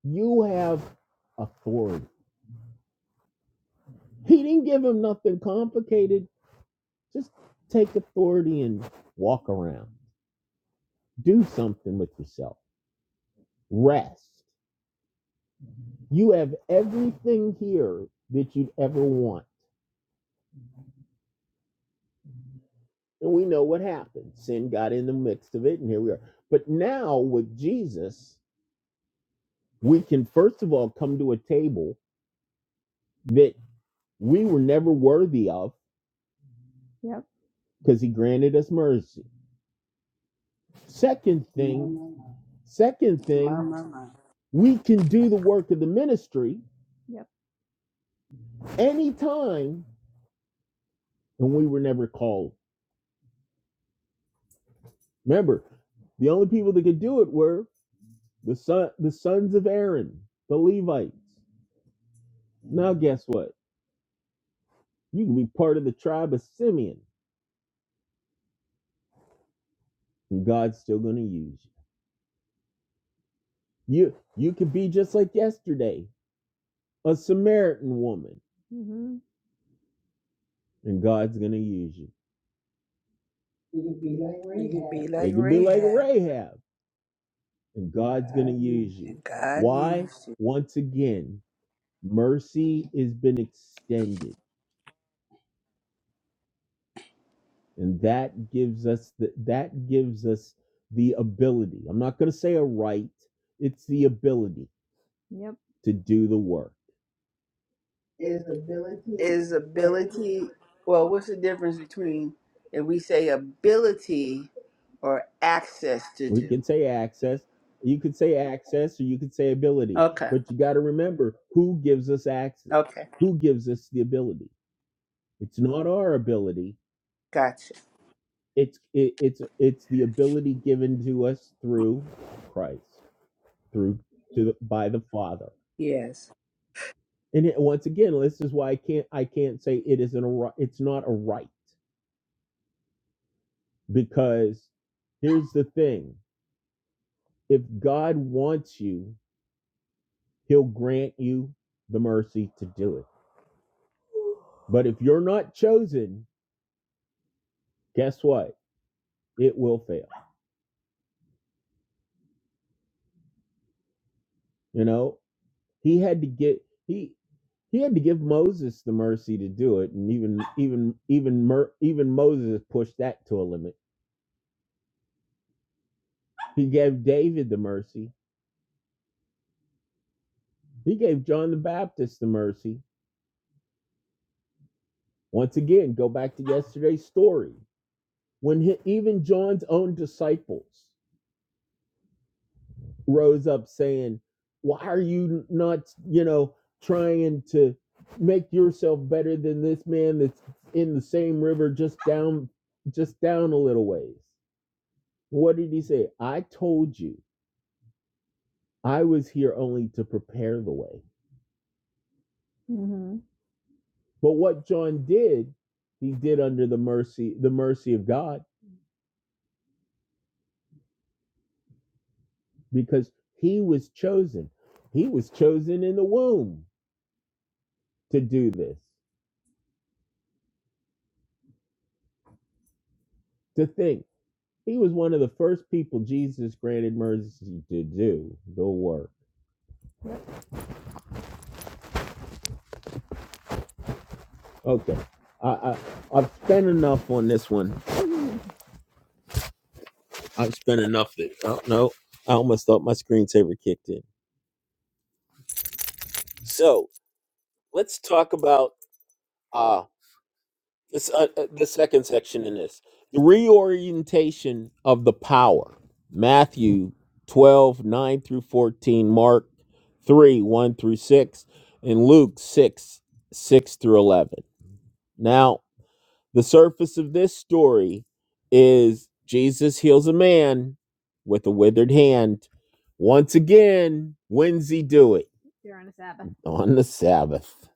Speaker 2: You have authority. He didn't give him nothing complicated. Just take authority and walk around. Do something with yourself. Rest. You have everything here that you'd ever want. And we know what happened. Sin got in the midst of it, and here we are. But now with Jesus, we can first of all come to a table that we were never worthy of because he granted us mercy. Second thing, Second
Speaker 1: My,
Speaker 2: thing,
Speaker 1: my, my.
Speaker 2: we can do the work of the ministry anytime, and we were never called. Remember, the only people that could do it were the son, the sons of Aaron, the Levites. Now, guess what? You can be part of the tribe of Simeon, and God's still going to use you. You you could be just like yesterday, a Samaritan woman, and God's going to use you. It could be like
Speaker 1: You can
Speaker 2: Rahab.
Speaker 1: be like
Speaker 2: It could be like
Speaker 1: Rahab.
Speaker 2: Rahab. God's going to use you.
Speaker 1: And God
Speaker 2: Why?
Speaker 1: used it.
Speaker 2: Once again, mercy has been extended, and that gives us the, that gives us the ability. I'm not going to say a right; it's the ability to do the work. Is ability
Speaker 1: Is
Speaker 2: what was it?
Speaker 1: ability, well, what's the difference between if we say ability or access to
Speaker 2: We
Speaker 1: do?
Speaker 2: can say access. You could say access, or you could say ability.
Speaker 1: Okay.
Speaker 2: But you got to remember who gives us access.
Speaker 1: Okay.
Speaker 2: Who gives us the ability? It's not our ability.
Speaker 1: Gotcha.
Speaker 2: it's it, it's it's the ability given to us through Christ through to the, by the Father.
Speaker 1: Yes.
Speaker 2: And it, once again, this is why I can't I can't say it isn't a right. It's not a right because here's the thing: if God wants you, He'll grant you the mercy to do it. But if you're not chosen, guess what? It will fail. You know, He had to get he. He had to give Moses the mercy to do it, and even even even Mer- even Moses pushed that to a limit. He gave David the mercy. He gave John the Baptist the mercy. Once again, go back to yesterday's story when he, even John's own disciples rose up saying, "Why are you not, you know, trying to make yourself better than this man that's in the same river just down just down a little ways?" What did he say? I told you I was here only to prepare the way. But what John did, he did under the mercy, the mercy of God, because he was chosen. He was chosen in the womb to do this, to think. He was one of the first people Jesus granted mercy to do the work. Okay. I, I I've spent enough on this one. I've spent enough that oh no, I almost thought my screensaver kicked in. So let's talk about uh, It's uh, uh, the second section in this the reorientation of the power. Matthew 12 9 through 14, Mark 3, 1 through 6, and Luke 6, 6 through 11. Now, the surface of this story is Jesus heals a man with a withered hand. Once again, when's he do it? On the Sabbath.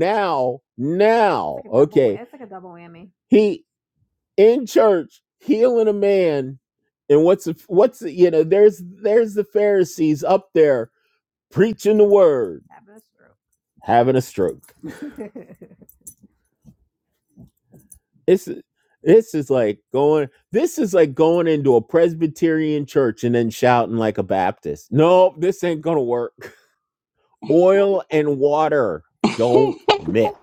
Speaker 2: Now, now, he. in church healing a man and what's what's you know there's there's the pharisees up there preaching the word having a stroke it's this is like going this is like going into a presbyterian church and then shouting like a baptist no this ain't gonna work oil and water don't mix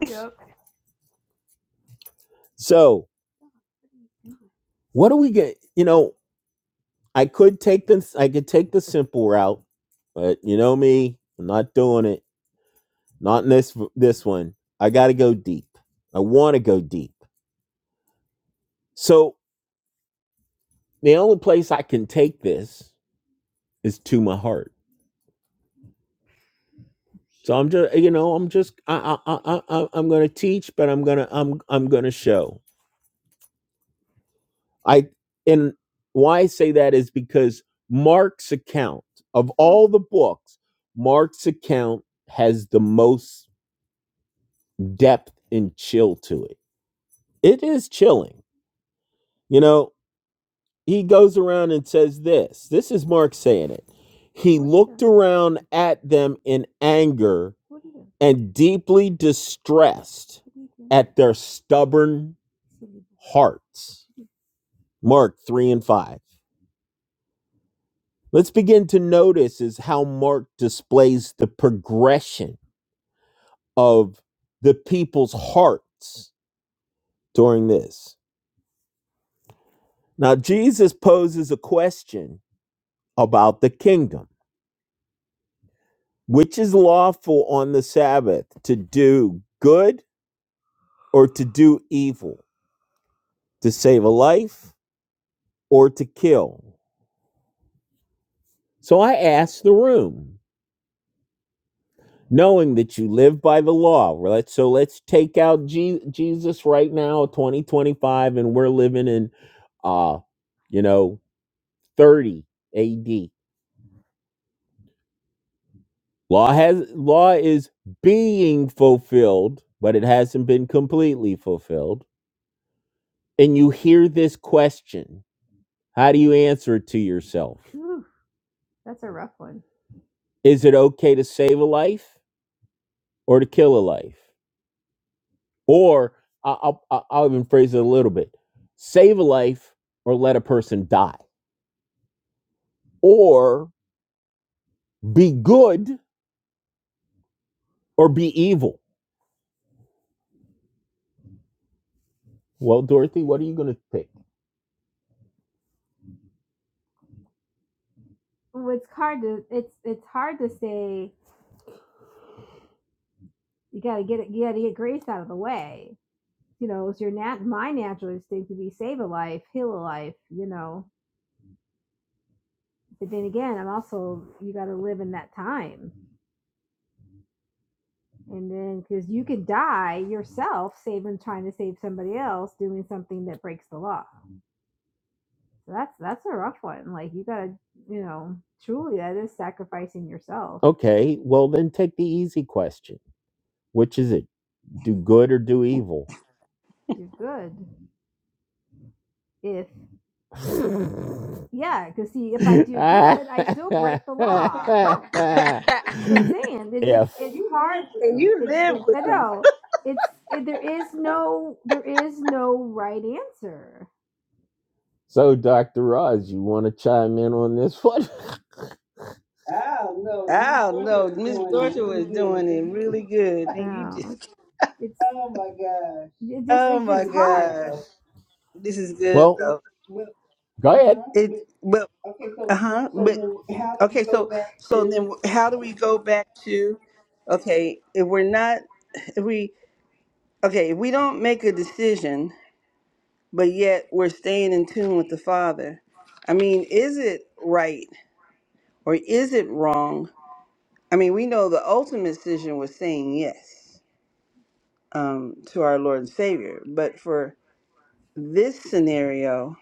Speaker 2: so what do we get you know i could take this i could take the simple route but you know me i'm not doing it Not in this this one. I got to go deep. I want to go deep. So the only place I can take this is to my heart. So I'm just, you know, I'm just, I, I, I, I I'm going to teach, but I'm gonna, I'm, I'm gonna show. I and why I say that is because Mark's account of all the books, Mark's account has the most depth and chill to it. It is chilling, you know. he goes around and says this. This is Mark saying it. He looked around at them in anger and deeply distressed at their stubborn hearts. Mark 3 and 5. Let's begin to notice is how Mark displays the progression of the people's hearts during this. Now Jesus poses a question about the kingdom, which is lawful on the Sabbath to do good or to do evil, to save a life or to kill. So I asked the room, knowing that you live by the law. well, let's- So let's take out Je- Jesus right now, 2025, and we're living in, uh, you know, 30 AD. Law has law is being fulfilled, but it hasn't been completely fulfilled. And you hear this question, how do you answer it to yourself? Is it okay to save a life? or to kill a life. Or I- will I'll I'll even phrase it a little bit save a life or let a person die. Or be good or be evil. Well, Dorothy, what are you going to pick? Okay, well, then take the easy question. Which is it? Do good or do evil? ah.
Speaker 1: And you live with them.
Speaker 2: so, Dr. Roz, you want to chime in on this one? Oh, no. This
Speaker 1: I don't
Speaker 2: person
Speaker 1: know.
Speaker 2: was
Speaker 1: Miss
Speaker 2: doing
Speaker 1: Dorothy
Speaker 2: it really
Speaker 1: was doing it
Speaker 2: good.
Speaker 1: really good. Then you just,
Speaker 2: Oh, my God.
Speaker 1: oh my gosh, this is good
Speaker 2: Well, It,
Speaker 1: though.
Speaker 2: well, go ahead. uh-huh,
Speaker 1: It,
Speaker 2: but-
Speaker 1: but
Speaker 2: okay,
Speaker 1: uh
Speaker 2: so,
Speaker 1: huh.
Speaker 2: so
Speaker 1: But
Speaker 2: then how do we
Speaker 1: okay,
Speaker 2: go
Speaker 1: so
Speaker 2: back
Speaker 1: so
Speaker 2: to?
Speaker 1: then how do we go back to? Okay, if we're not, if we okay, if we don't make a decision, but yet we're staying in tune with the Father. I mean, is it right or is it wrong? I mean, we know the ultimate decision was saying yes um, to our Lord and Savior, but for this scenario,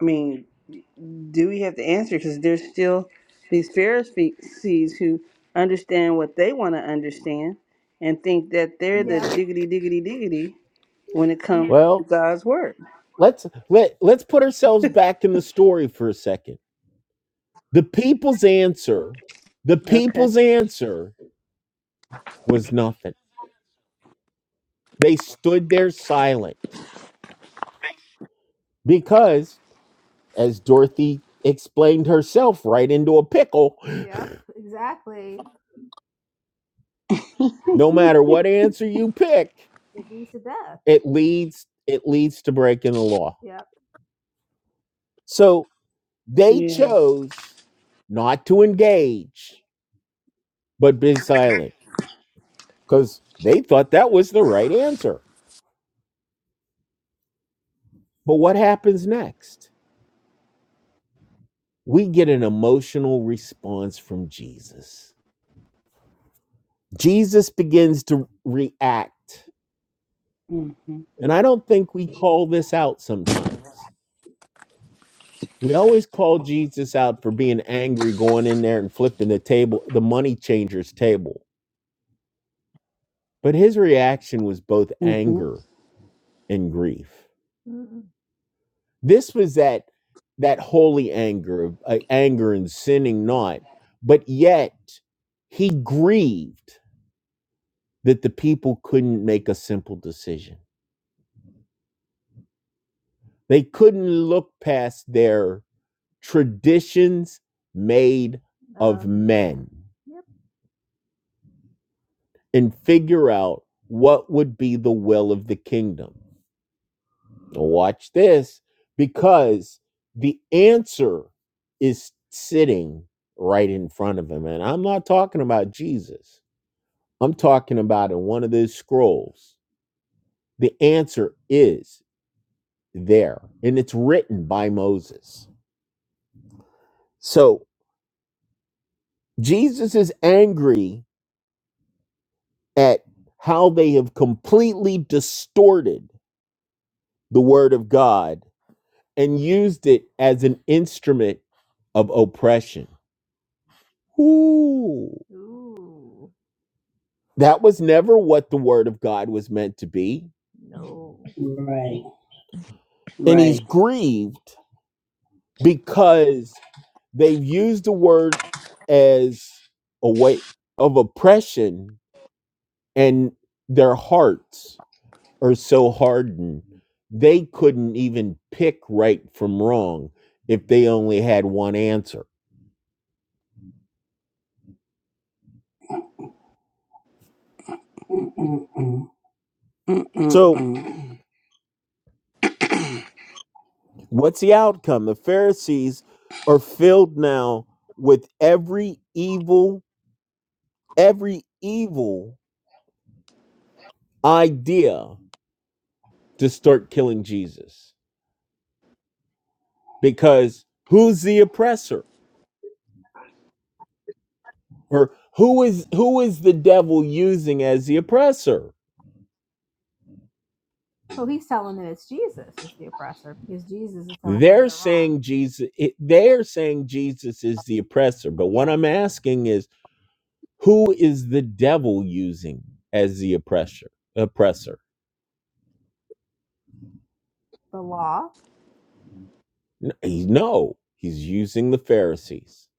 Speaker 1: I mean, do we have to answer? Because there's still these Pharisees who understand what they want to understand and think that they're the diggity diggity diggity when it comes to
Speaker 2: Well,
Speaker 1: God's word.
Speaker 2: let's let let's put ourselves back in the story for a second. The people's answer, the
Speaker 1: Okay.
Speaker 2: people's answer was nothing. They stood there silent because as Dorothy explained herself right into a pickle, no matter what answer you pick, it leads it leads to breaking the law. So. They
Speaker 1: Yeah.
Speaker 2: chose not to engage, but be silent because they thought that was the right answer. But what happens next? We get an emotional response from Jesus. Jesus begins to react.
Speaker 1: Mm-hmm.
Speaker 2: And I don't think we call this out sometimes. We always call Jesus out for being angry, going in there and flipping the table, the money changer's table. But his reaction was both
Speaker 1: Mm-hmm.
Speaker 2: anger and grief. This was that that holy anger, of- uh, anger and sinning not, but yet he grieved that the people couldn't make a simple decision. They couldn't look past their traditions made men and figure out what would be the will of the kingdom. Now watch this because the answer is sitting right in front of him. And I'm not talking about Jesus. I'm talking about in one of those scrolls. The answer is there, and it's written by Moses. So Jesus is angry at how they have completely distorted the word of God and used it as an instrument of oppression. Ooh. That was never what the word of God was meant to be. Right. And he's
Speaker 1: Right.
Speaker 2: grieved because They've used the word as a way of oppression, and their hearts are so hardened they couldn't even pick right from wrong if they only had one answer. So,
Speaker 1: Mm-mm-mm.
Speaker 2: what's the outcome? The Pharisees are filled now with every evil, every evil idea to start killing Jesus because who's the oppressor? or who is who is the devil using as the oppressor jesus it, they're saying jesus is the oppressor but what i'm asking is who is the devil using as the oppressor oppressor N- he- no he's using the pharisees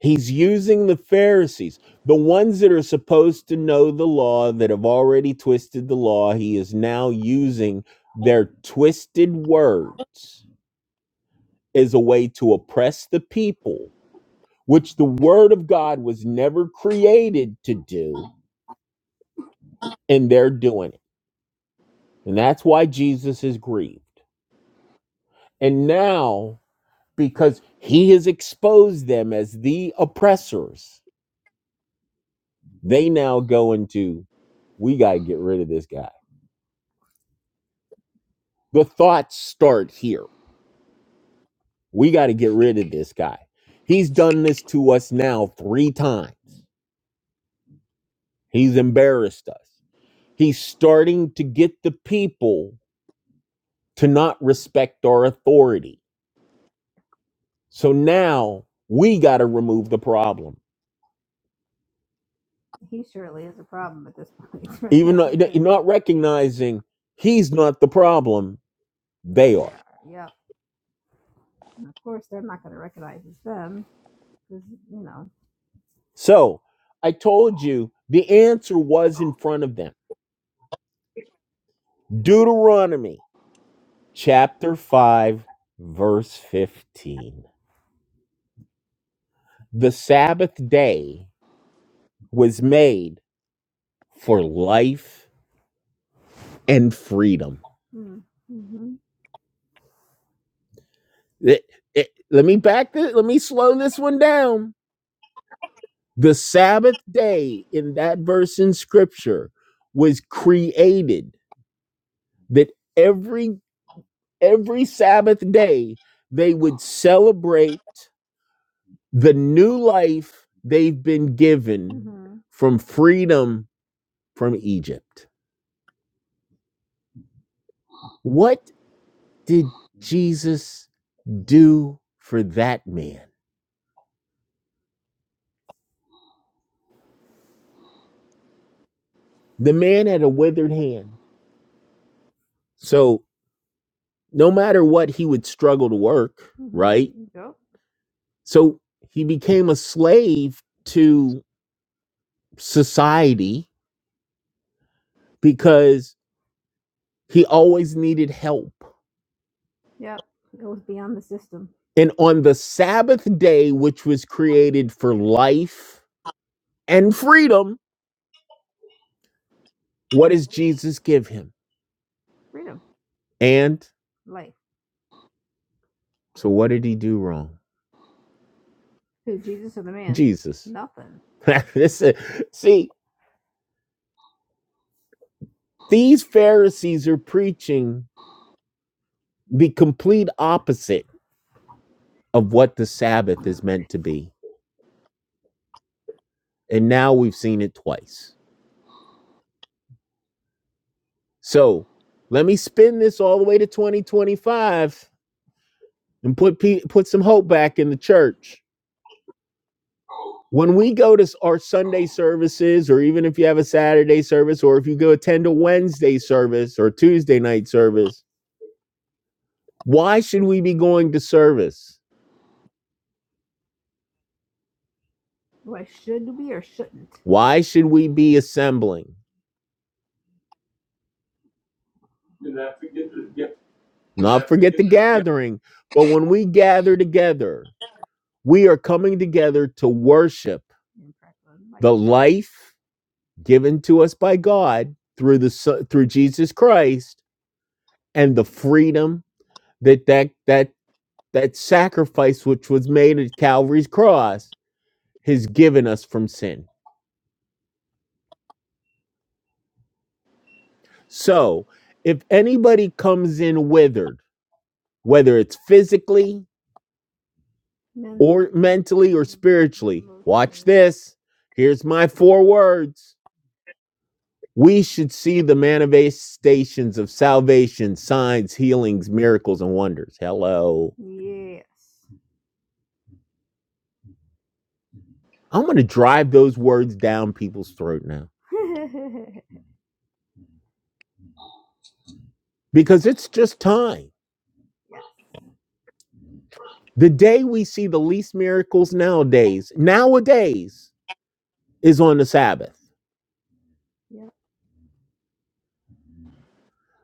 Speaker 2: he's using the pharisees the ones that are supposed to know the law that have already twisted the law he is now using their twisted words as a way to oppress the people which the word of God was never created to do, and they're doing it. And that's why Jesus is grieved. And now, because he has exposed them as the oppressors, they now go into, we got to get rid of this guy. The thoughts start here. We got to get rid of this guy. He's done this to us now three times. He's embarrassed us. He's starting to get the people to not respect our authority So now we got to remove the problem. Not recognizing he's not the problem, they So I told you the answer was in front of them. Deuteronomy chapter 5, verse 15. The Sabbath day was made for life and freedom. It- it- let me back this, let me slow this one down The Sabbath day in that verse in scripture was created that every every Sabbath day they would celebrate the new life they've been given from freedom from Egypt. What did Jesus do for that man? The man had a withered hand. So no matter what he would struggle to work. So he became a slave to. society because he always needed help. And on the Sabbath day, which was created for life and freedom, what does Jesus give him? And so, what did he do wrong? Jesus. This is- see, these Pharisees are preaching the complete opposite of what the Sabbath is meant to be. And now we've seen it twice. So, let me spin this all the way to 2025 and put pe- put some hope back in the church. When we go to our Sunday services, or even if you have a Saturday service, or if you go attend a Wednesday service or Tuesday night service, why should we be going to service? Why should we be assembling? Not forget the gathering, but when we gather together, we are coming together to worship life given to us by God through the through Jesus Christ and the freedom that that that that sacrifice which was made at Calvary's cross has given us from sin. So, if anybody comes in withered, whether it's physically, yes, here's my four words. We should see the manifestations of salvation, signs, healings, miracles, and wonders. Hello. I'm going to drive those words down people's throat now because it's just time. The day we see the least miracles nowadays, nowadays, is on the Sabbath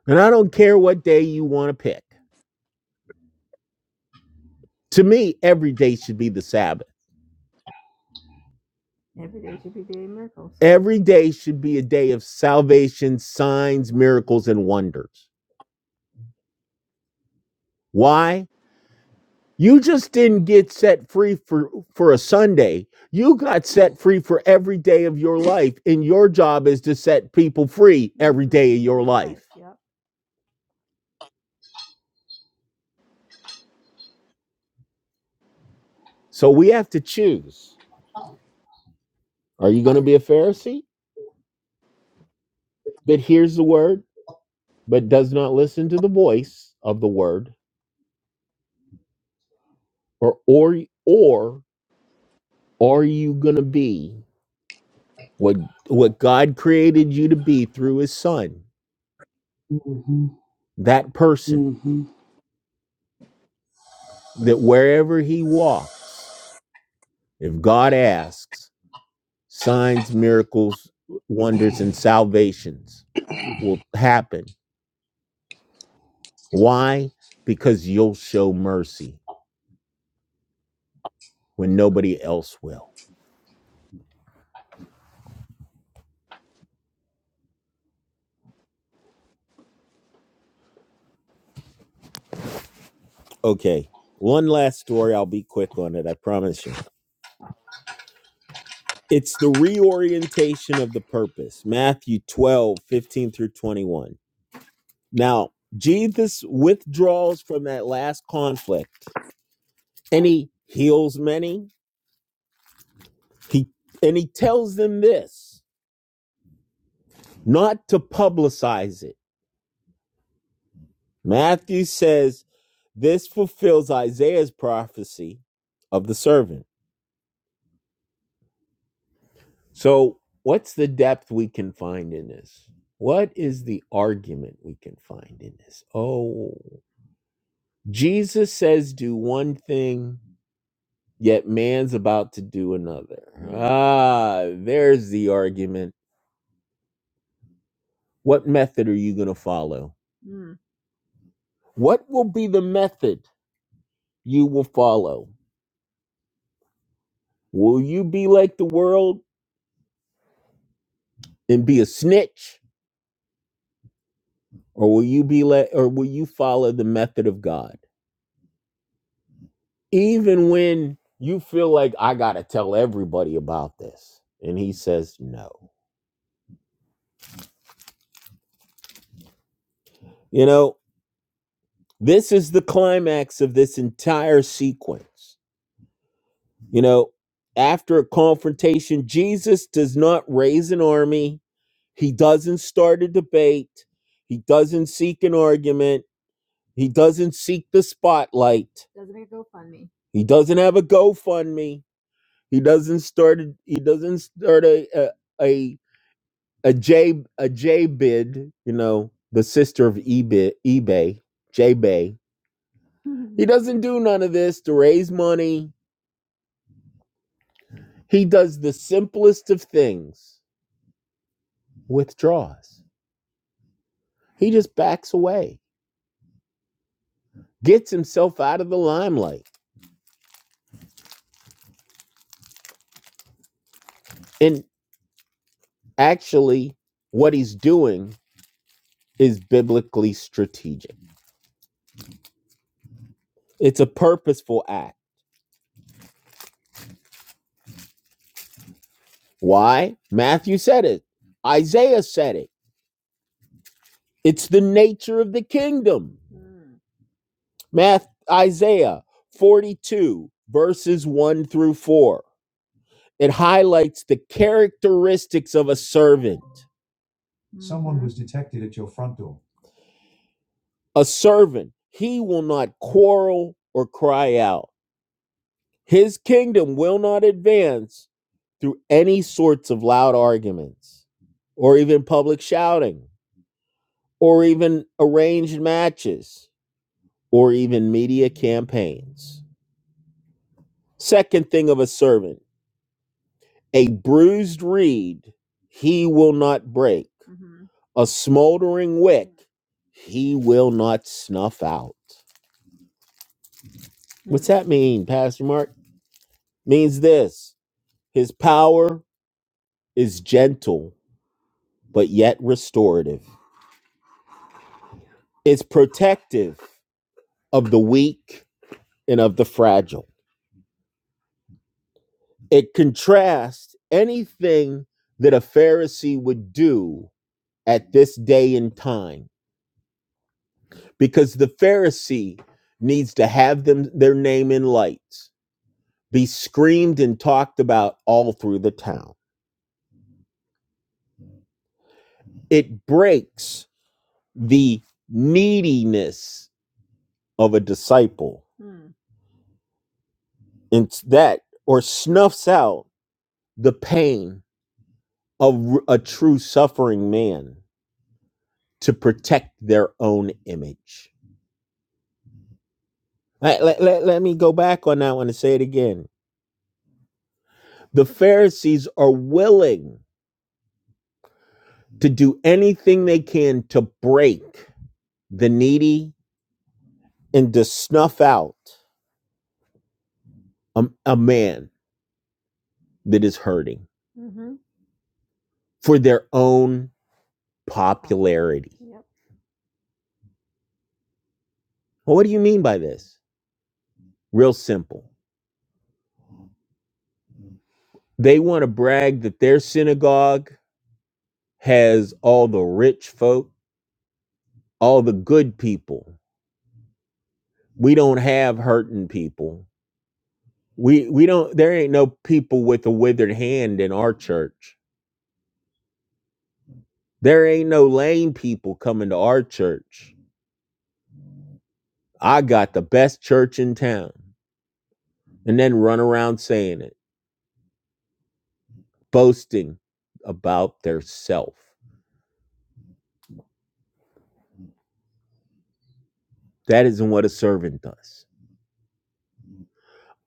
Speaker 2: And I don't care what day you want to pick. To me, every day should be the Sabbath. Every day should be a day of salvation, signs, miracles, and wonders. Why? You just didn't get set free for, for a Sunday. You got set free for every day of your life, and your job is to set people free. So we have to choose. Are you going to be a Pharisee that hears the word but does not listen to the voice of the word, or or or Are you going to be what what God created you to be through his son? hmm That person
Speaker 1: Mm-hmm.
Speaker 2: that wherever he walks, if God asks, signs, miracles, wonders and salvations will happen. Why? Because you'll show mercy when nobody else will. Okay. One last story, I'll be quick on it, I promise you. It's the reorientation of the purpose. Matthew 12 15 through 21. Now, Jesus withdraws from that last conflict and he heals many. He and he tells them this, not to publicize it. Matthew says this fulfills Isaiah's prophecy of the servant. So, what's the depth we can find in this? What is the argument we can find in this? Oh, Jesus says do one thing yet man's about to do another. Ah, there's the argument. What method are you going to follow? What will be the method you will follow? Will you be like the world and be a snitch or will you be like or will you follow the method of God? Even when you feel like I got to tell everybody about this and he says no. You know, this is the climax of this entire sequence You know, after a confrontation, Jesus does not raise an army. He doesn't start a debate. He doesn't seek an argument. He doesn't seek the spotlight. He doesn't have a GoFundMe. He doesn't start. A, he doesn't start a a a a J a J bid. You know, the sister of eBay. eBay J Bay. He doesn't do none of this to raise money. He does the simplest of things. Withdraws He just backs away, gets himself out of the limelight. And actually, what he's doing is biblically strategic. It's a purposeful act. Why? Matthew said it. Isaiah said it. It's the nature of the kingdom. Math Isaiah 42 verses 1 through 4. It highlights the characteristics of a servant. A servant, he will not quarrel or cry out His kingdom will not advance through any sorts of loud arguments or even public shouting or even arranged matches or even media campaigns. Second thing of a servant, a bruised reed he will not break, a smoldering wick he will not snuff out. that mean, Pastor Mark? Means this his power is gentle but yet restorative. It's protective of the weak and of the fragile. It contrasts anything that a Pharisee would do at this day and time because the Pharisee needs to have them their name in lights, be screamed and talked about all through the town. It breaks the neediness of a disciple. And that or snuffs out the pain of a true suffering man to protect their own image. Let, let, let- let me go back on that one and say it again. The Pharisees are willing to do anything they can to break the needy and to snuff out a, a man that is hurting for their own popularity. Well, what do you mean by this? Real simple. They want to brag that their synagogue has all the rich folk, all the good people. We don't have hurting people We we don't there ain't no people with a withered hand in our church. There ain't no lame people coming to our church. I got the best church in town. And then run around saying it, boasting about their self. That isn't what a servant does.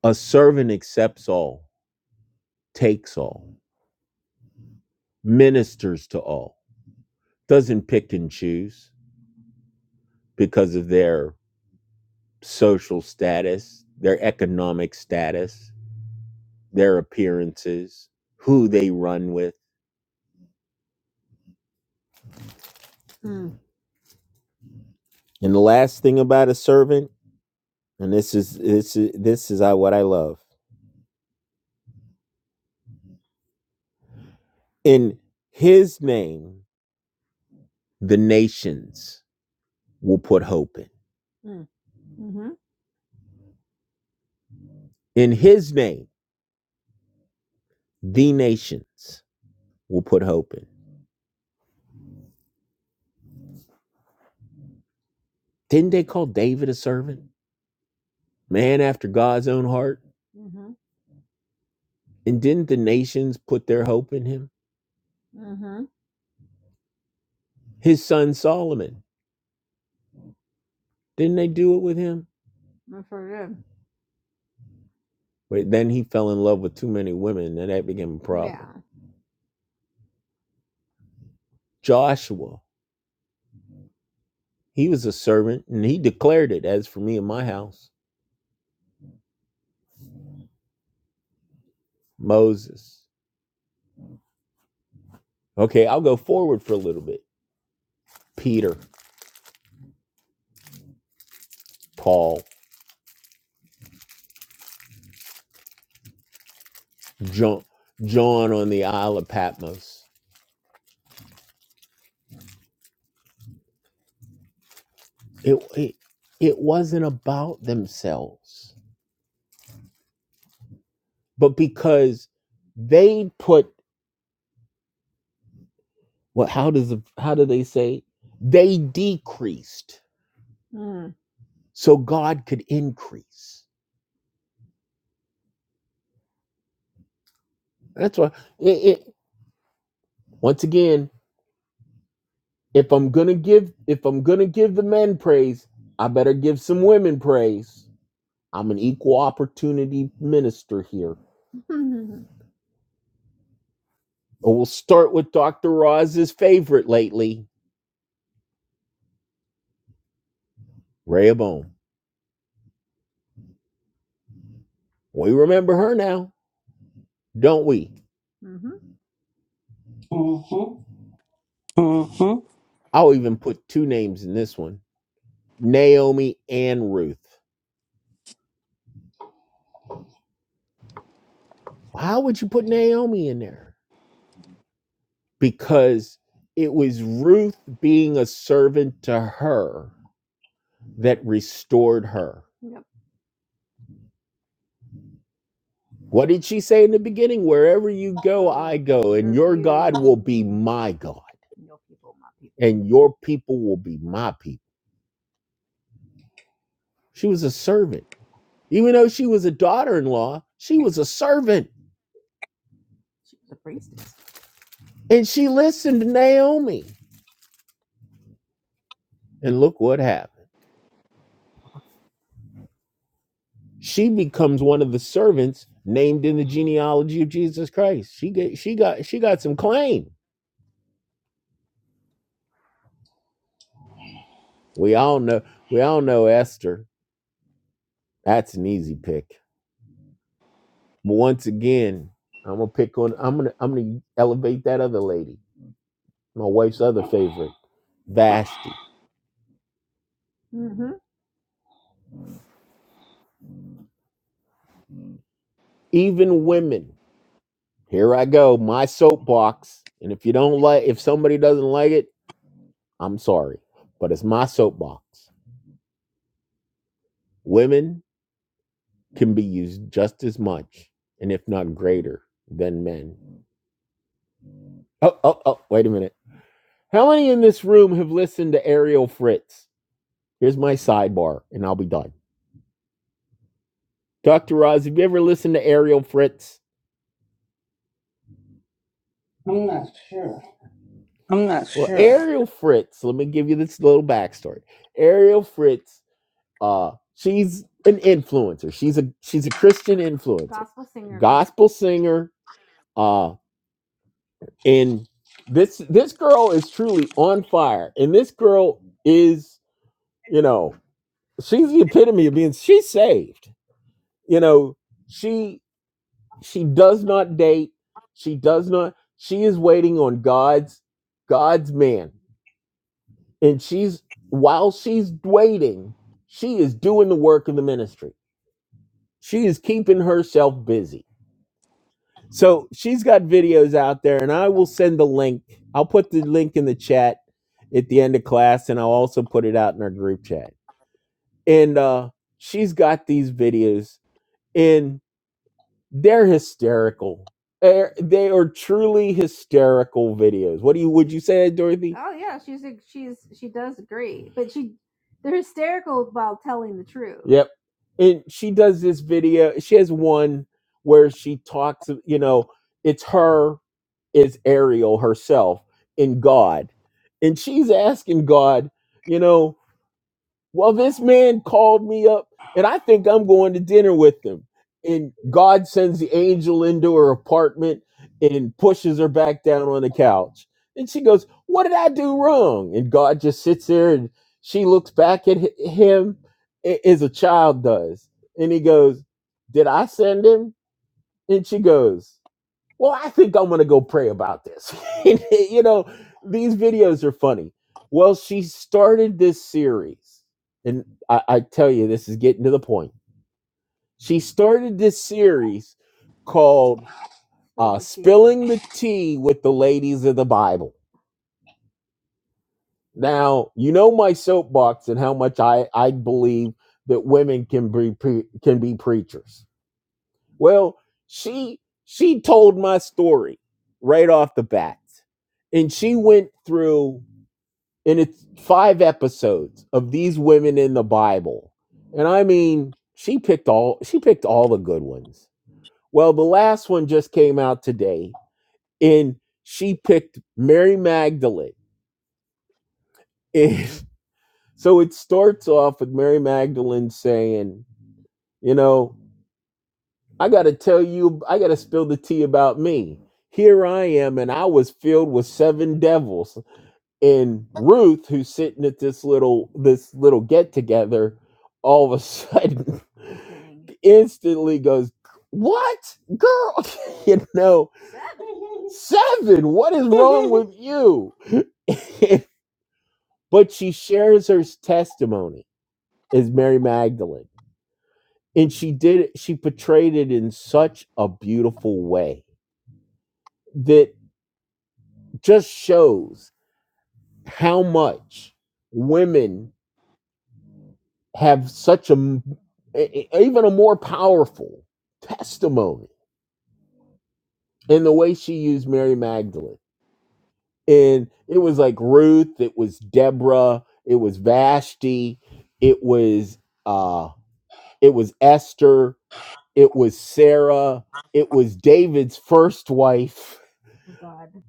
Speaker 2: A servant accepts all, takes all, ministers to all, doesn't pick and choose because of their social status, their economic status, their appearances, who they run with. And the last thing about a servant, and this is this is this is I- what I love. In his name, the nations will put hope in. In his name, the nations will put hope in. Didn't they call David a servant? Man after God's own heart? And didn't the nations put their hope in him? His son Solomon, didn't they do it with him? But then he fell in love with too many women, and that became a problem. Joshua, He was a servant and he declared it as for me and my house. Moses. Okay, I'll go forward for a little bit. Peter, Paul, John, John on the Isle of Patmos. It, it, it wasn't about themselves, but because they put, well, how does the, how do they say? They decreased so God could increase. That's why it, it- once again If I'm gonna give if I'm gonna give the men praise, I better give some women praise. I'm an equal opportunity minister here. But we'll start with Dr. Roz's favorite lately, Rhea Bone. We remember her now, don't we? Mm-hmm.
Speaker 1: Mm-hmm.
Speaker 2: I'll even put two names in this one Naomi and Ruth. How would you put Naomi in there? Because it was Ruth being a servant to her that restored her. What did she say in the beginning? Wherever you go, go. will be my God, and your people will be my people. She was a servant. Even though she was a daughter in law, she was a servant. And she listened to Naomi. And look what happened. She becomes one of the servants named in the genealogy of Jesus Christ. She get, she got she got some claim. We all know we all know Esther. That's an easy pick. But once again, I'm gonna pick on I'm gonna I'm gonna elevate that other lady. my wife's other favorite, Vashti. Even women. Here I go, my soapbox. And if you don't like, if somebody doesn't like it, I'm sorry, but it's my soapbox. Women can be used just as much, and if not greater, than men. Oh, oh, oh, wait a minute. How many in this room have listened to Ariel Fritz? Here's my sidebar, and I'll be done. Dr. Roz, have you ever listened to Ariel Fritz? I'm not sure.
Speaker 1: I'm not
Speaker 2: Well,
Speaker 1: sure.
Speaker 2: Ariel Fritz, let me give you this little backstory. Ariel Fritz, uh, she's an influencer. She's a she's a Christian influencer, gospel singer. Uh, and this this girl is truly on fire. And this girl is, you know, she's the epitome of being she's saved. You know, she she does not date. She does not. She is waiting on God's God's man. and she's while she's waiting she is doing the work of the ministry she is keeping herself busy so she's got videos out there and i will send the link i'll put the link in the chat at the end of class and i'll also put it out in our group chat and uh she's got these videos and they're hysterical they're, they are truly hysterical videos what do you would you say dorothy Yep. And she does this video. She has one where she talks, you know, it's her, it's Ariel herself in God. And she's asking God, you know, well, this man called me up, and I think I'm going to dinner with him. And God sends the angel into her apartment and pushes her back down on the couch. And she goes, What did I do wrong? And God just sits there and she looks back at hi- him a- as a child does. And he goes, Did I send him? And she goes, well, I think I'm gonna go pray about this. you know, these videos are funny. Well, she started this series, and I, I tell you, this is getting to the point. She started this series called "Filling the Tea with the Ladies of the Bible." Now, you know my soapbox and how much I I believe that women can be pre- can be preachers. Well, she she told my story right off the bat, and she went through and it's five episodes of these women in the Bible. And I mean, she picked all she picked all the good ones. Well, the last one just came out today, and she picked Mary Magdalene. And so it starts off with Mary Magdalene saying, you know, I got to tell you, I got to spill the tea about me. Here I am, and I was filled with seven devils. and Ruth, who's sitting at this little this little get together, all of a sudden instantly goes, "What, girl? you know, seven? seven. What is wrong with you?" but she shares her testimony as Mary Magdalene, and she did it. She portrayed it in such a beautiful way that just shows how much women have such a e- e- even a more powerful testimony in the way she used Mary Magdalene. And it was like Ruth, it was Deborah, it was Vashti, it was uh it was Esther, it was Sarah, it was David's first wife.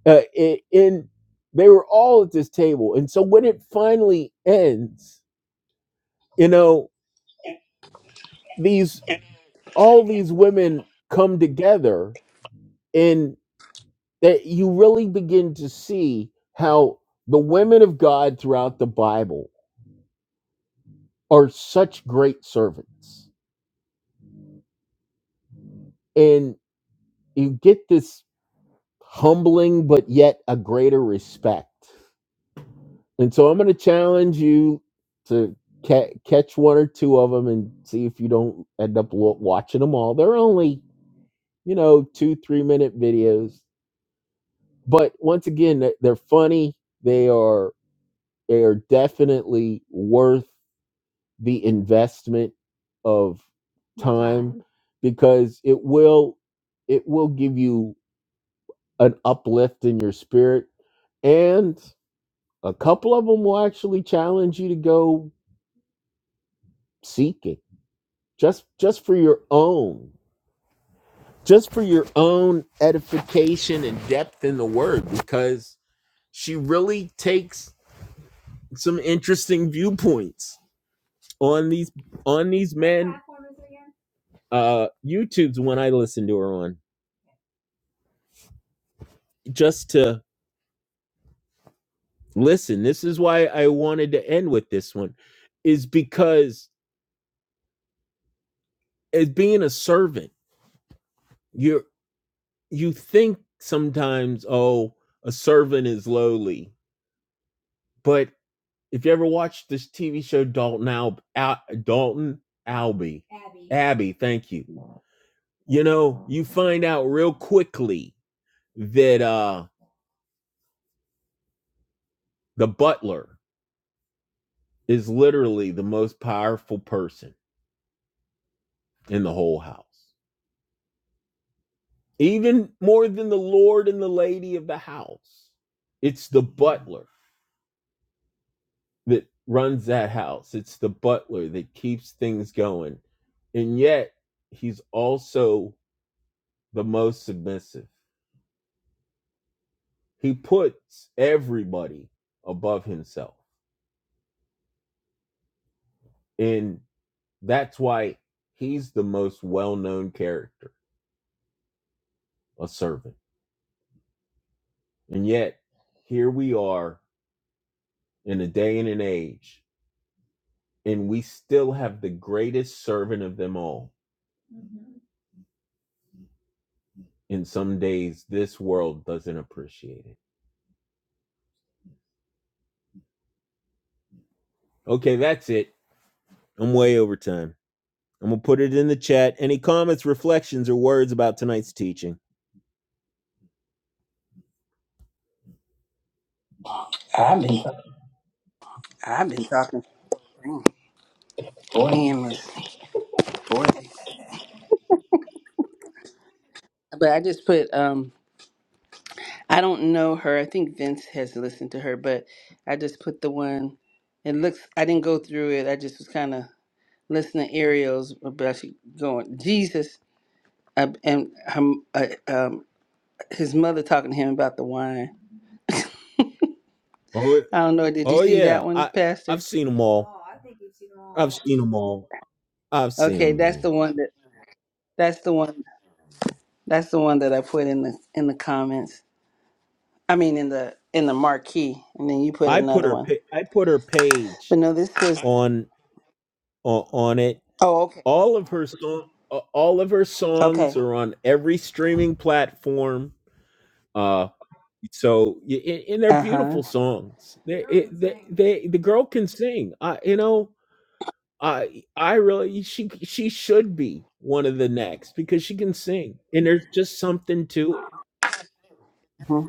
Speaker 2: Uh, it, and they were all at this table. And so when it finally ends, you know, these all these women come together and. that you really begin to see how the women of God throughout the Bible are such great servants. And you get this humbling, but yet a greater respect. And so I'm going to challenge you to ca- catch one or two of them and see if you don't end up wa- watching them all. They're only, you know, two, three minute videos. But once again, they're funny. They are they are definitely worth the investment of because it will it will give you an uplift in your spirit and a couple of them will actually challenge you to go seeking just just for your own just for your own edification and depth in the word because she really takes some interesting viewpoints on these on these men uh youtubes when i listen to her on just to listen, this is why I wanted to end with this one, is because as being a servant, you you think sometimes, oh, a servant is lowly. But if you ever watched this TV show Dalton Al, Al Dalton Albee, Abby, thank you. You know, you find out real quickly that uh the butler is literally the most powerful person in the whole house. even more than the lord and the lady of the house it's the butler that runs that house it's the butler that keeps things going and yet he's also the most submissive he puts everybody above himself and that's why he's the most well-known character a servant and yet here we are in a day and an age and we still have the greatest servant of them all In some days this world doesn't appreciate it. Okay, that's it. I'm way over time. I'm going to put it in the chat. Any comments, reflections, or words about tonight's teaching? i mean,
Speaker 1: I've been talking, to
Speaker 2: boy.
Speaker 1: me and Miss Dorothy, but I just put um I don't know her. I think Vince has listened to her, but I just put the one. It looks. I didn't go through it. I just was kind of listening to Ariel's, but she going Jesus uh, and her, uh, um, his mother talking to him about the wine.
Speaker 2: Oh,
Speaker 1: I don't know. Did you
Speaker 2: oh
Speaker 1: see that
Speaker 2: yeah.
Speaker 1: one,
Speaker 2: I I've
Speaker 1: Pastor?
Speaker 2: seen them all. I've seen Them all. I've seen
Speaker 1: Okay,
Speaker 2: them
Speaker 1: that's the
Speaker 2: all.
Speaker 1: one that. That's the one. That's the one that I put in the in the comments. I mean, in the in the marquee, and then you put
Speaker 2: I put
Speaker 1: another
Speaker 2: her
Speaker 1: one.
Speaker 2: I put her
Speaker 1: But
Speaker 2: page
Speaker 1: no, this is.
Speaker 2: on on, on it.
Speaker 1: Oh, okay.
Speaker 2: All of her song uh, all of her
Speaker 1: Okay.
Speaker 2: songs are on every streaming platform. Uh so and they're
Speaker 1: Uh
Speaker 2: beautiful songs. They the girl can sing. I you know, I I really she she should be one of the next because she can sing. And there's just something to it.
Speaker 1: huh.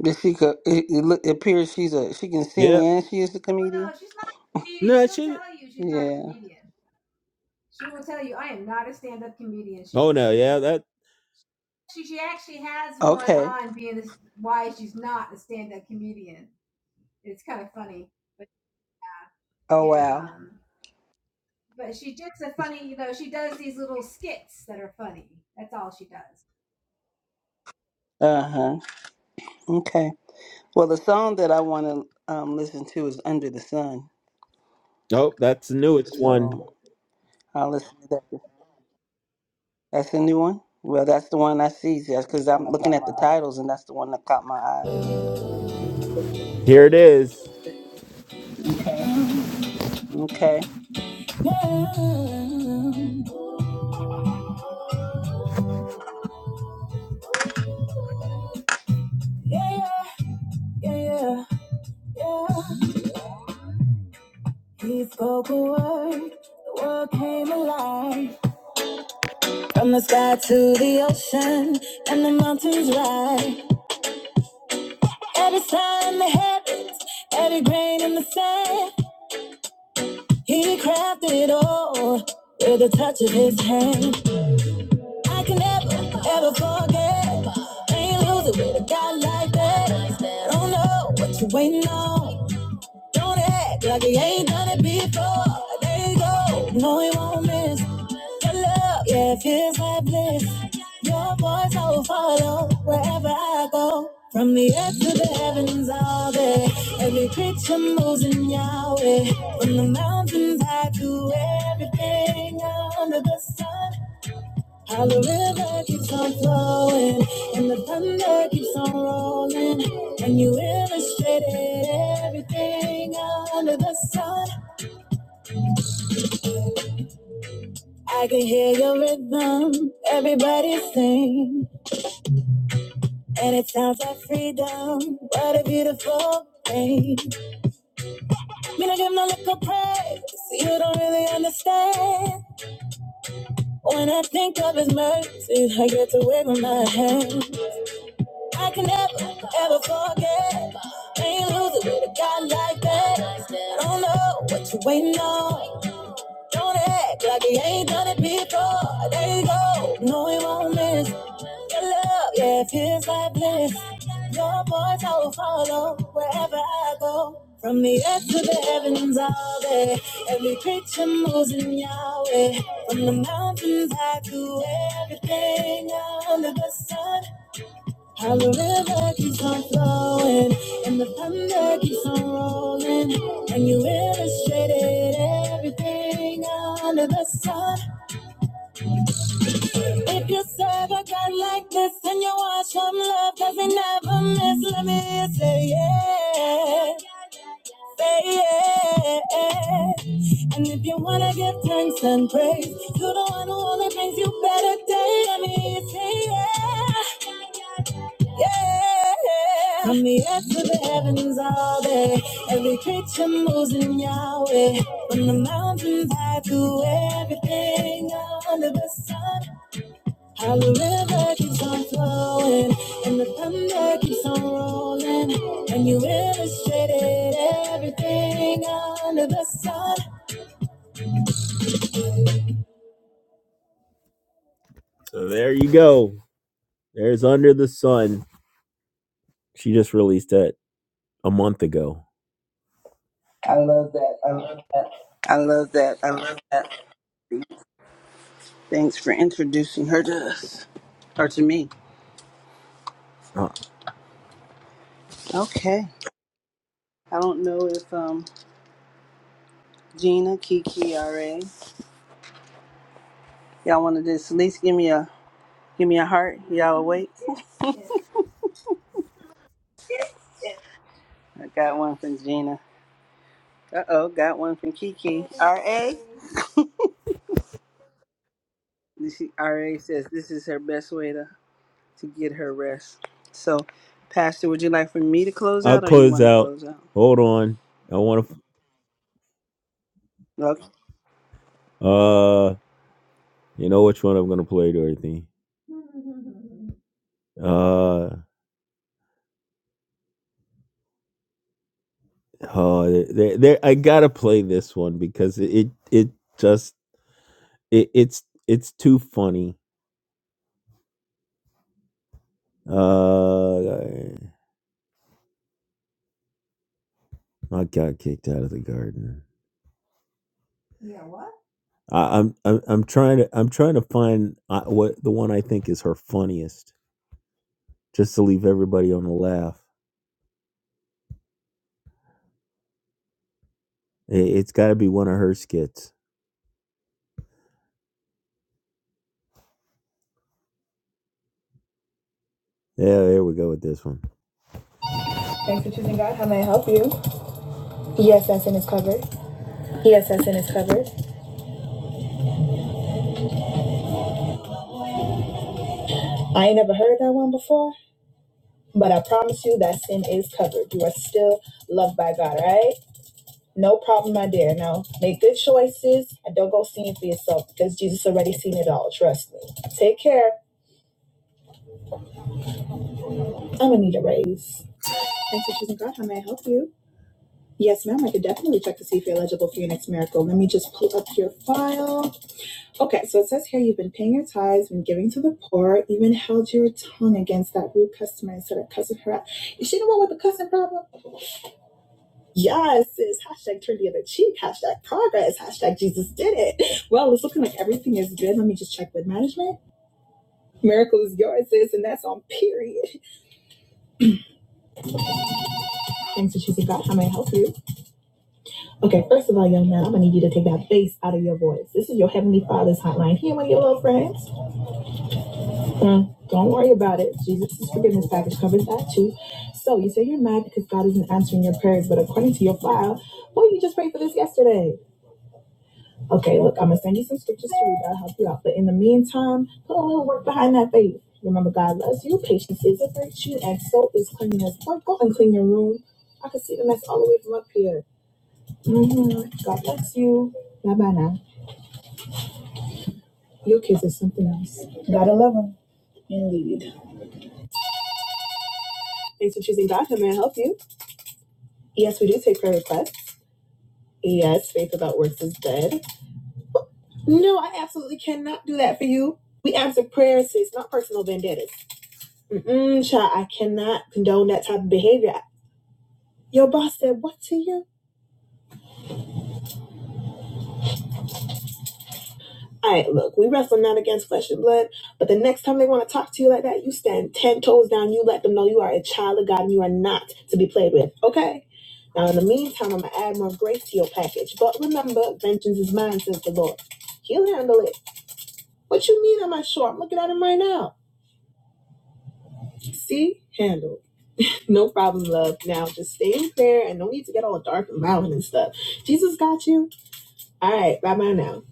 Speaker 1: That she could, it, it, look, it appears she's a she can sing
Speaker 2: Yeah,
Speaker 1: and she is a comedian. Yeah.
Speaker 2: no, yeah, that
Speaker 1: Okay. Oh wow. Uh huh. Okay. Well, the song that I want to um, listen to is "Under the Sun,"
Speaker 2: oh, that's the newest one.
Speaker 1: so I'll listen to that. That's a new one. Well, that's the one I see. That's because I'm looking at the titles, and that's the one that caught my eye.
Speaker 2: Here it is.
Speaker 1: Okay.
Speaker 2: Yeah, yeah, yeah, yeah. He spoke a word, the world came alive. From the sky to the ocean, and the mountains rise. Every star in the heavens, every grain in the sand, He crafted it all with the touch of His hand. I can never, ever forget. Ain't losing with a God like that. don't know what you're waiting on. Don't act like he ain't done it before. There you go. No, he won't miss. Your love, yeah, it feels like bliss. Your voice I will follow wherever I go. From the earth to the heavens, all day. Every creature moves in Yahweh. From the mountains high to everything under the sun. How the river keeps on flowing and the thunder keeps on rolling. And you illustrated everything under the sun. I can hear your rhythm, everybody sing. And it sounds like freedom. What a beautiful thing. Me not give no little praise. You don't really understand. When I think of his mercy, I get to wiggle my head. I can never, ever forget. Ain't losing with a guy like that. I Don't know what you waiting on. Don't act like you ain't done it before. There you go. No, it won't miss. Your love, yeah, it feels like bliss. Your voice I will follow wherever I go. From the earth to the heavens, all day. Every creature moves in Yahweh. From the mountains high to everything under the sun. How the river keeps on flowing, and the thunder keeps on rolling, and you illustrated everything under the sun. If you serve a God like this, and you watch from love, does he never miss? Let me say, yeah yeah. yeah. And if you wanna give thanks and praise to the one who only brings you better days, me yeah, yeah. From the earth to the heavens, all day, every creature moves in Yahweh. From the mountains high to everything under the sun. How the river keeps on flowing and the thunder keeps on rolling, and you illustrated everything under the sun. So there you go. There's Under the Sun. She just released that a month ago. I love that. I love that.
Speaker 1: I love that. I love that. Thanks for introducing her to us or to me.
Speaker 2: Uh,
Speaker 1: Okay. I don't know if um Gina, Kiki, RA. Y'all want to just at least give me a give me a heart. Y'all awake? I got one from Gina. Uh oh, got one from Kiki. R A. R A says this is her best way to to get her rest. So, Pastor, would you like for me to close
Speaker 2: I'll
Speaker 1: out, or you
Speaker 2: close
Speaker 1: want to
Speaker 2: out.
Speaker 1: close out?
Speaker 2: Hold on. I want
Speaker 1: Okay,
Speaker 2: to. Uh, you know which one I'm gonna play, Dorothy. Uh, oh, there, there, I gotta play this one because it, it just It, it's it's too funny. Uh, I got kicked out of the garden. I, I'm I'm I'm trying to I'm trying to find uh, what the one I think is her funniest, just to leave everybody on the laugh. It, it's got to be one of her skits. Yeah, there we go with this one. Thanks for choosing God. How may I help you? ESS sin is covered. ESS sin is covered. I ain't never heard that one before, but I promise you that sin is covered. You are still loved by God, all right? No problem, my dear. No, make good choices and don't go seeing for yourself because Jesus already seen it all. Trust me. Take care. I'm gonna need a raise. Thanks for choosing God. How may I help you? Yes, ma'am. I could definitely check to see if you're eligible for your next miracle. Let me just pull up your file. Okay, so it says here you've been paying your tithes, been giving to the poor, even held your tongue against that rude customer instead of cussing her." out." Is she the one with the cussing problem? Yes, it's hashtag turn the other cheek, hashtag progress, hashtag Jesus did it. Well, it's looking like everything is good. Let me just check with management. Miracle is yours, sis, and that's on period. Thanks for choosing God. How may I help you? Okay, first of all, young man, I'm gonna need you to take that bass out of your voice. This is your Heavenly Father's hotline. He ain't one of your little friends. Mm, don't worry about it. Jesus' forgiveness package covers that too. So you say you're mad because God isn't answering your prayers, but according to your file, boy, you just prayed for this yesterday. Okay, look, I'm gonna send you some scriptures to read that'll help you out. But in the meantime, put a little work behind that faith. Remember, God loves you. Patience is a virtue, and so is cleanliness. Lord, go and clean your room. I can see the mess all the way from up here. hmm God bless you. Bye bye now. Your kids are something else. Gotta love them. Indeed. Thanks for choosing God. How may I help you? Yes, we do take prayer requests. Yes, faith without works is dead. No, I absolutely cannot do that for you. We answer prayers, sis, not personal vendettas. Mm-mm, child, I cannot condone that type of behavior. Your boss said what to you? All right, look, we wrestle not against flesh and blood, but the next time they want to talk to you like that, you stand ten toes down. You let them know you are a child of God and you are not to be played with. Okay. Now, in the meantime, I'm gonna add more grace to your package, but remember, vengeance is mine, says the Lord. He'll handle it. What you mean? I'm not sure. I'm looking at him right now. See, handled. No problem, love. Now, just stay in prayer and no need to get all dark and violent and stuff. Jesus got you. All right, bye bye now.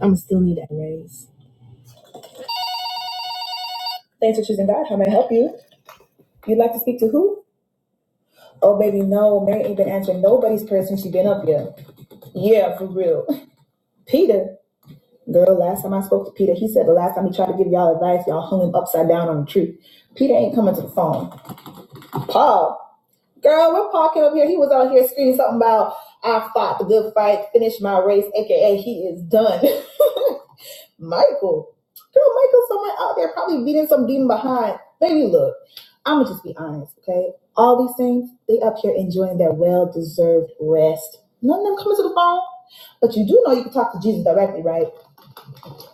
Speaker 2: I'm still need that raise. Thanks for choosing God. How may I help you? You'd like to speak to who? Oh, baby, no. Mary ain't been answering nobody's prayer since she been up here. Yeah, for real. Peter. Girl, last time I spoke to Peter, he said the last time he tried to give y'all advice, y'all hung him upside down on a tree. Peter ain't coming to the phone. Paul. Girl, when Paul came up here, he was out here screaming something about, I fought the good fight, finished my race, aka he is done. Michael. Girl, Michael's somewhere out there probably beating some demon behind. Baby, look, I'ma just be honest, okay? All these things, they up here enjoying their well-deserved rest. None of them coming to the phone. But you do know you can talk to Jesus directly, right?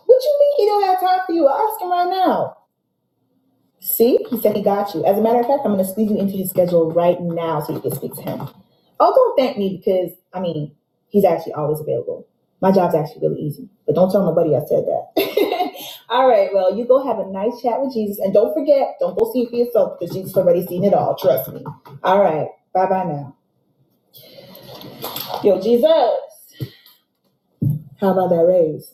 Speaker 2: What you mean he don't have time for you? I Ask him right now. See, he said he got you. As a matter of fact, I'm going to squeeze you into his schedule right now so you can speak to him. Oh, don't thank me because, I mean, he's actually always available. My job's actually really easy, but don't tell nobody I said that. all right, well, you go have a nice chat with Jesus. And don't forget, don't go see it for yourself because Jesus already seen it all. Trust me. All right, bye bye now. Yo, Jesus, how about that raise?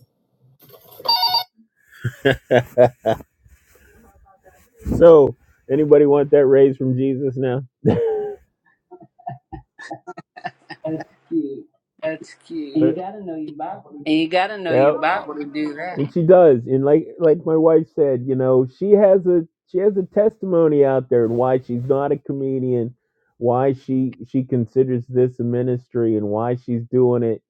Speaker 2: So, anybody want that raise from Jesus now? That's cute.
Speaker 1: That's
Speaker 2: And
Speaker 1: cute.
Speaker 2: you gotta know your Bible.
Speaker 1: And you got to know your Bible to do that.
Speaker 2: She does, and like like my wife said, you know, she has a she has a testimony out there and why she's not a comedian, why she she considers this a ministry, and why she's doing it,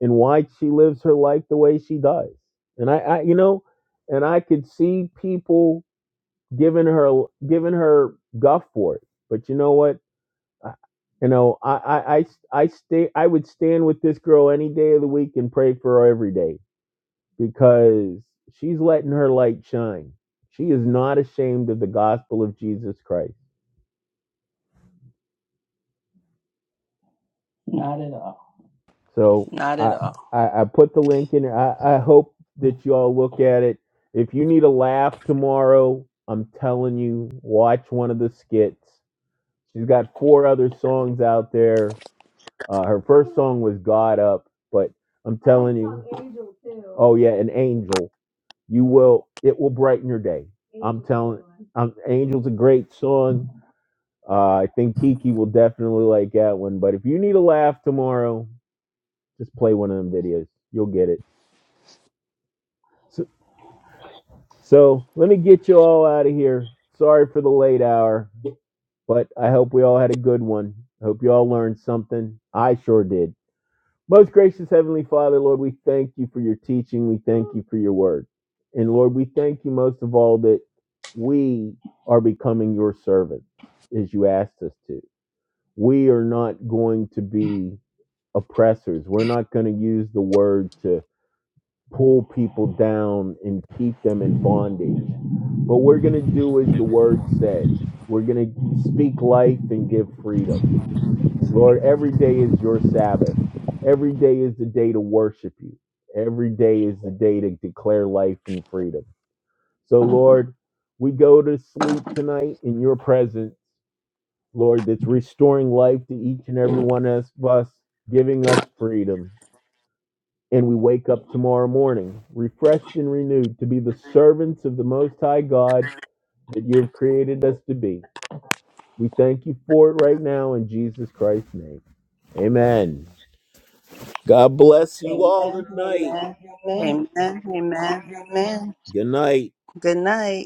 Speaker 2: and why she lives her life the way she does. And I, I you know, and I could see people giving her giving her guff for it, but you know what? I, you know, I I I I stay I would stand with this girl any day of the week and pray for her every day because she's letting her light shine. She is not ashamed of the gospel of Jesus Christ. Not at all. So
Speaker 1: not at
Speaker 2: I
Speaker 1: all.
Speaker 2: I, I put the link in. there. I, I hope that you all look at it. If you need a laugh tomorrow, I'm telling you, watch one of the skits. She's got four other songs out there. Uh, her first song was "God Up," but I'm oh yeah, an angel. You will it will brighten your day. Um, Angel's a great song Uh, I think Kiki will definitely like that one. But if you need a laugh tomorrow, just play one of them videos. You'll get it. So, so let me get you all out of here. Sorry for the late hour, but I hope we all had a good one. I hope you all learned something. I sure did. Most gracious Heavenly Father, Lord, we thank you for your teaching. We thank you for your word. And Lord, we thank you most of all that we are becoming your servants as you asked us to. We are not going to be oppressors. We're not going to use the word to pull people down and keep them in bondage. What we're going to do is the word said. We're going to speak life and give freedom. Lord, every day is your Sabbath. Every day is the day to worship you. Every day is the day to declare life and freedom. So, Lord, we go to sleep tonight in your presence, Lord, that's restoring life to each and every one of us, giving us freedom. and we wake up tomorrow morning, refreshed and renewed to be the servants of the Most High God that you have created us to be. We thank you for it right now in Jesus Christ's name. Amen. God bless you all tonight.
Speaker 1: Amen. Amen. Amen.
Speaker 2: Good night.
Speaker 1: Good night.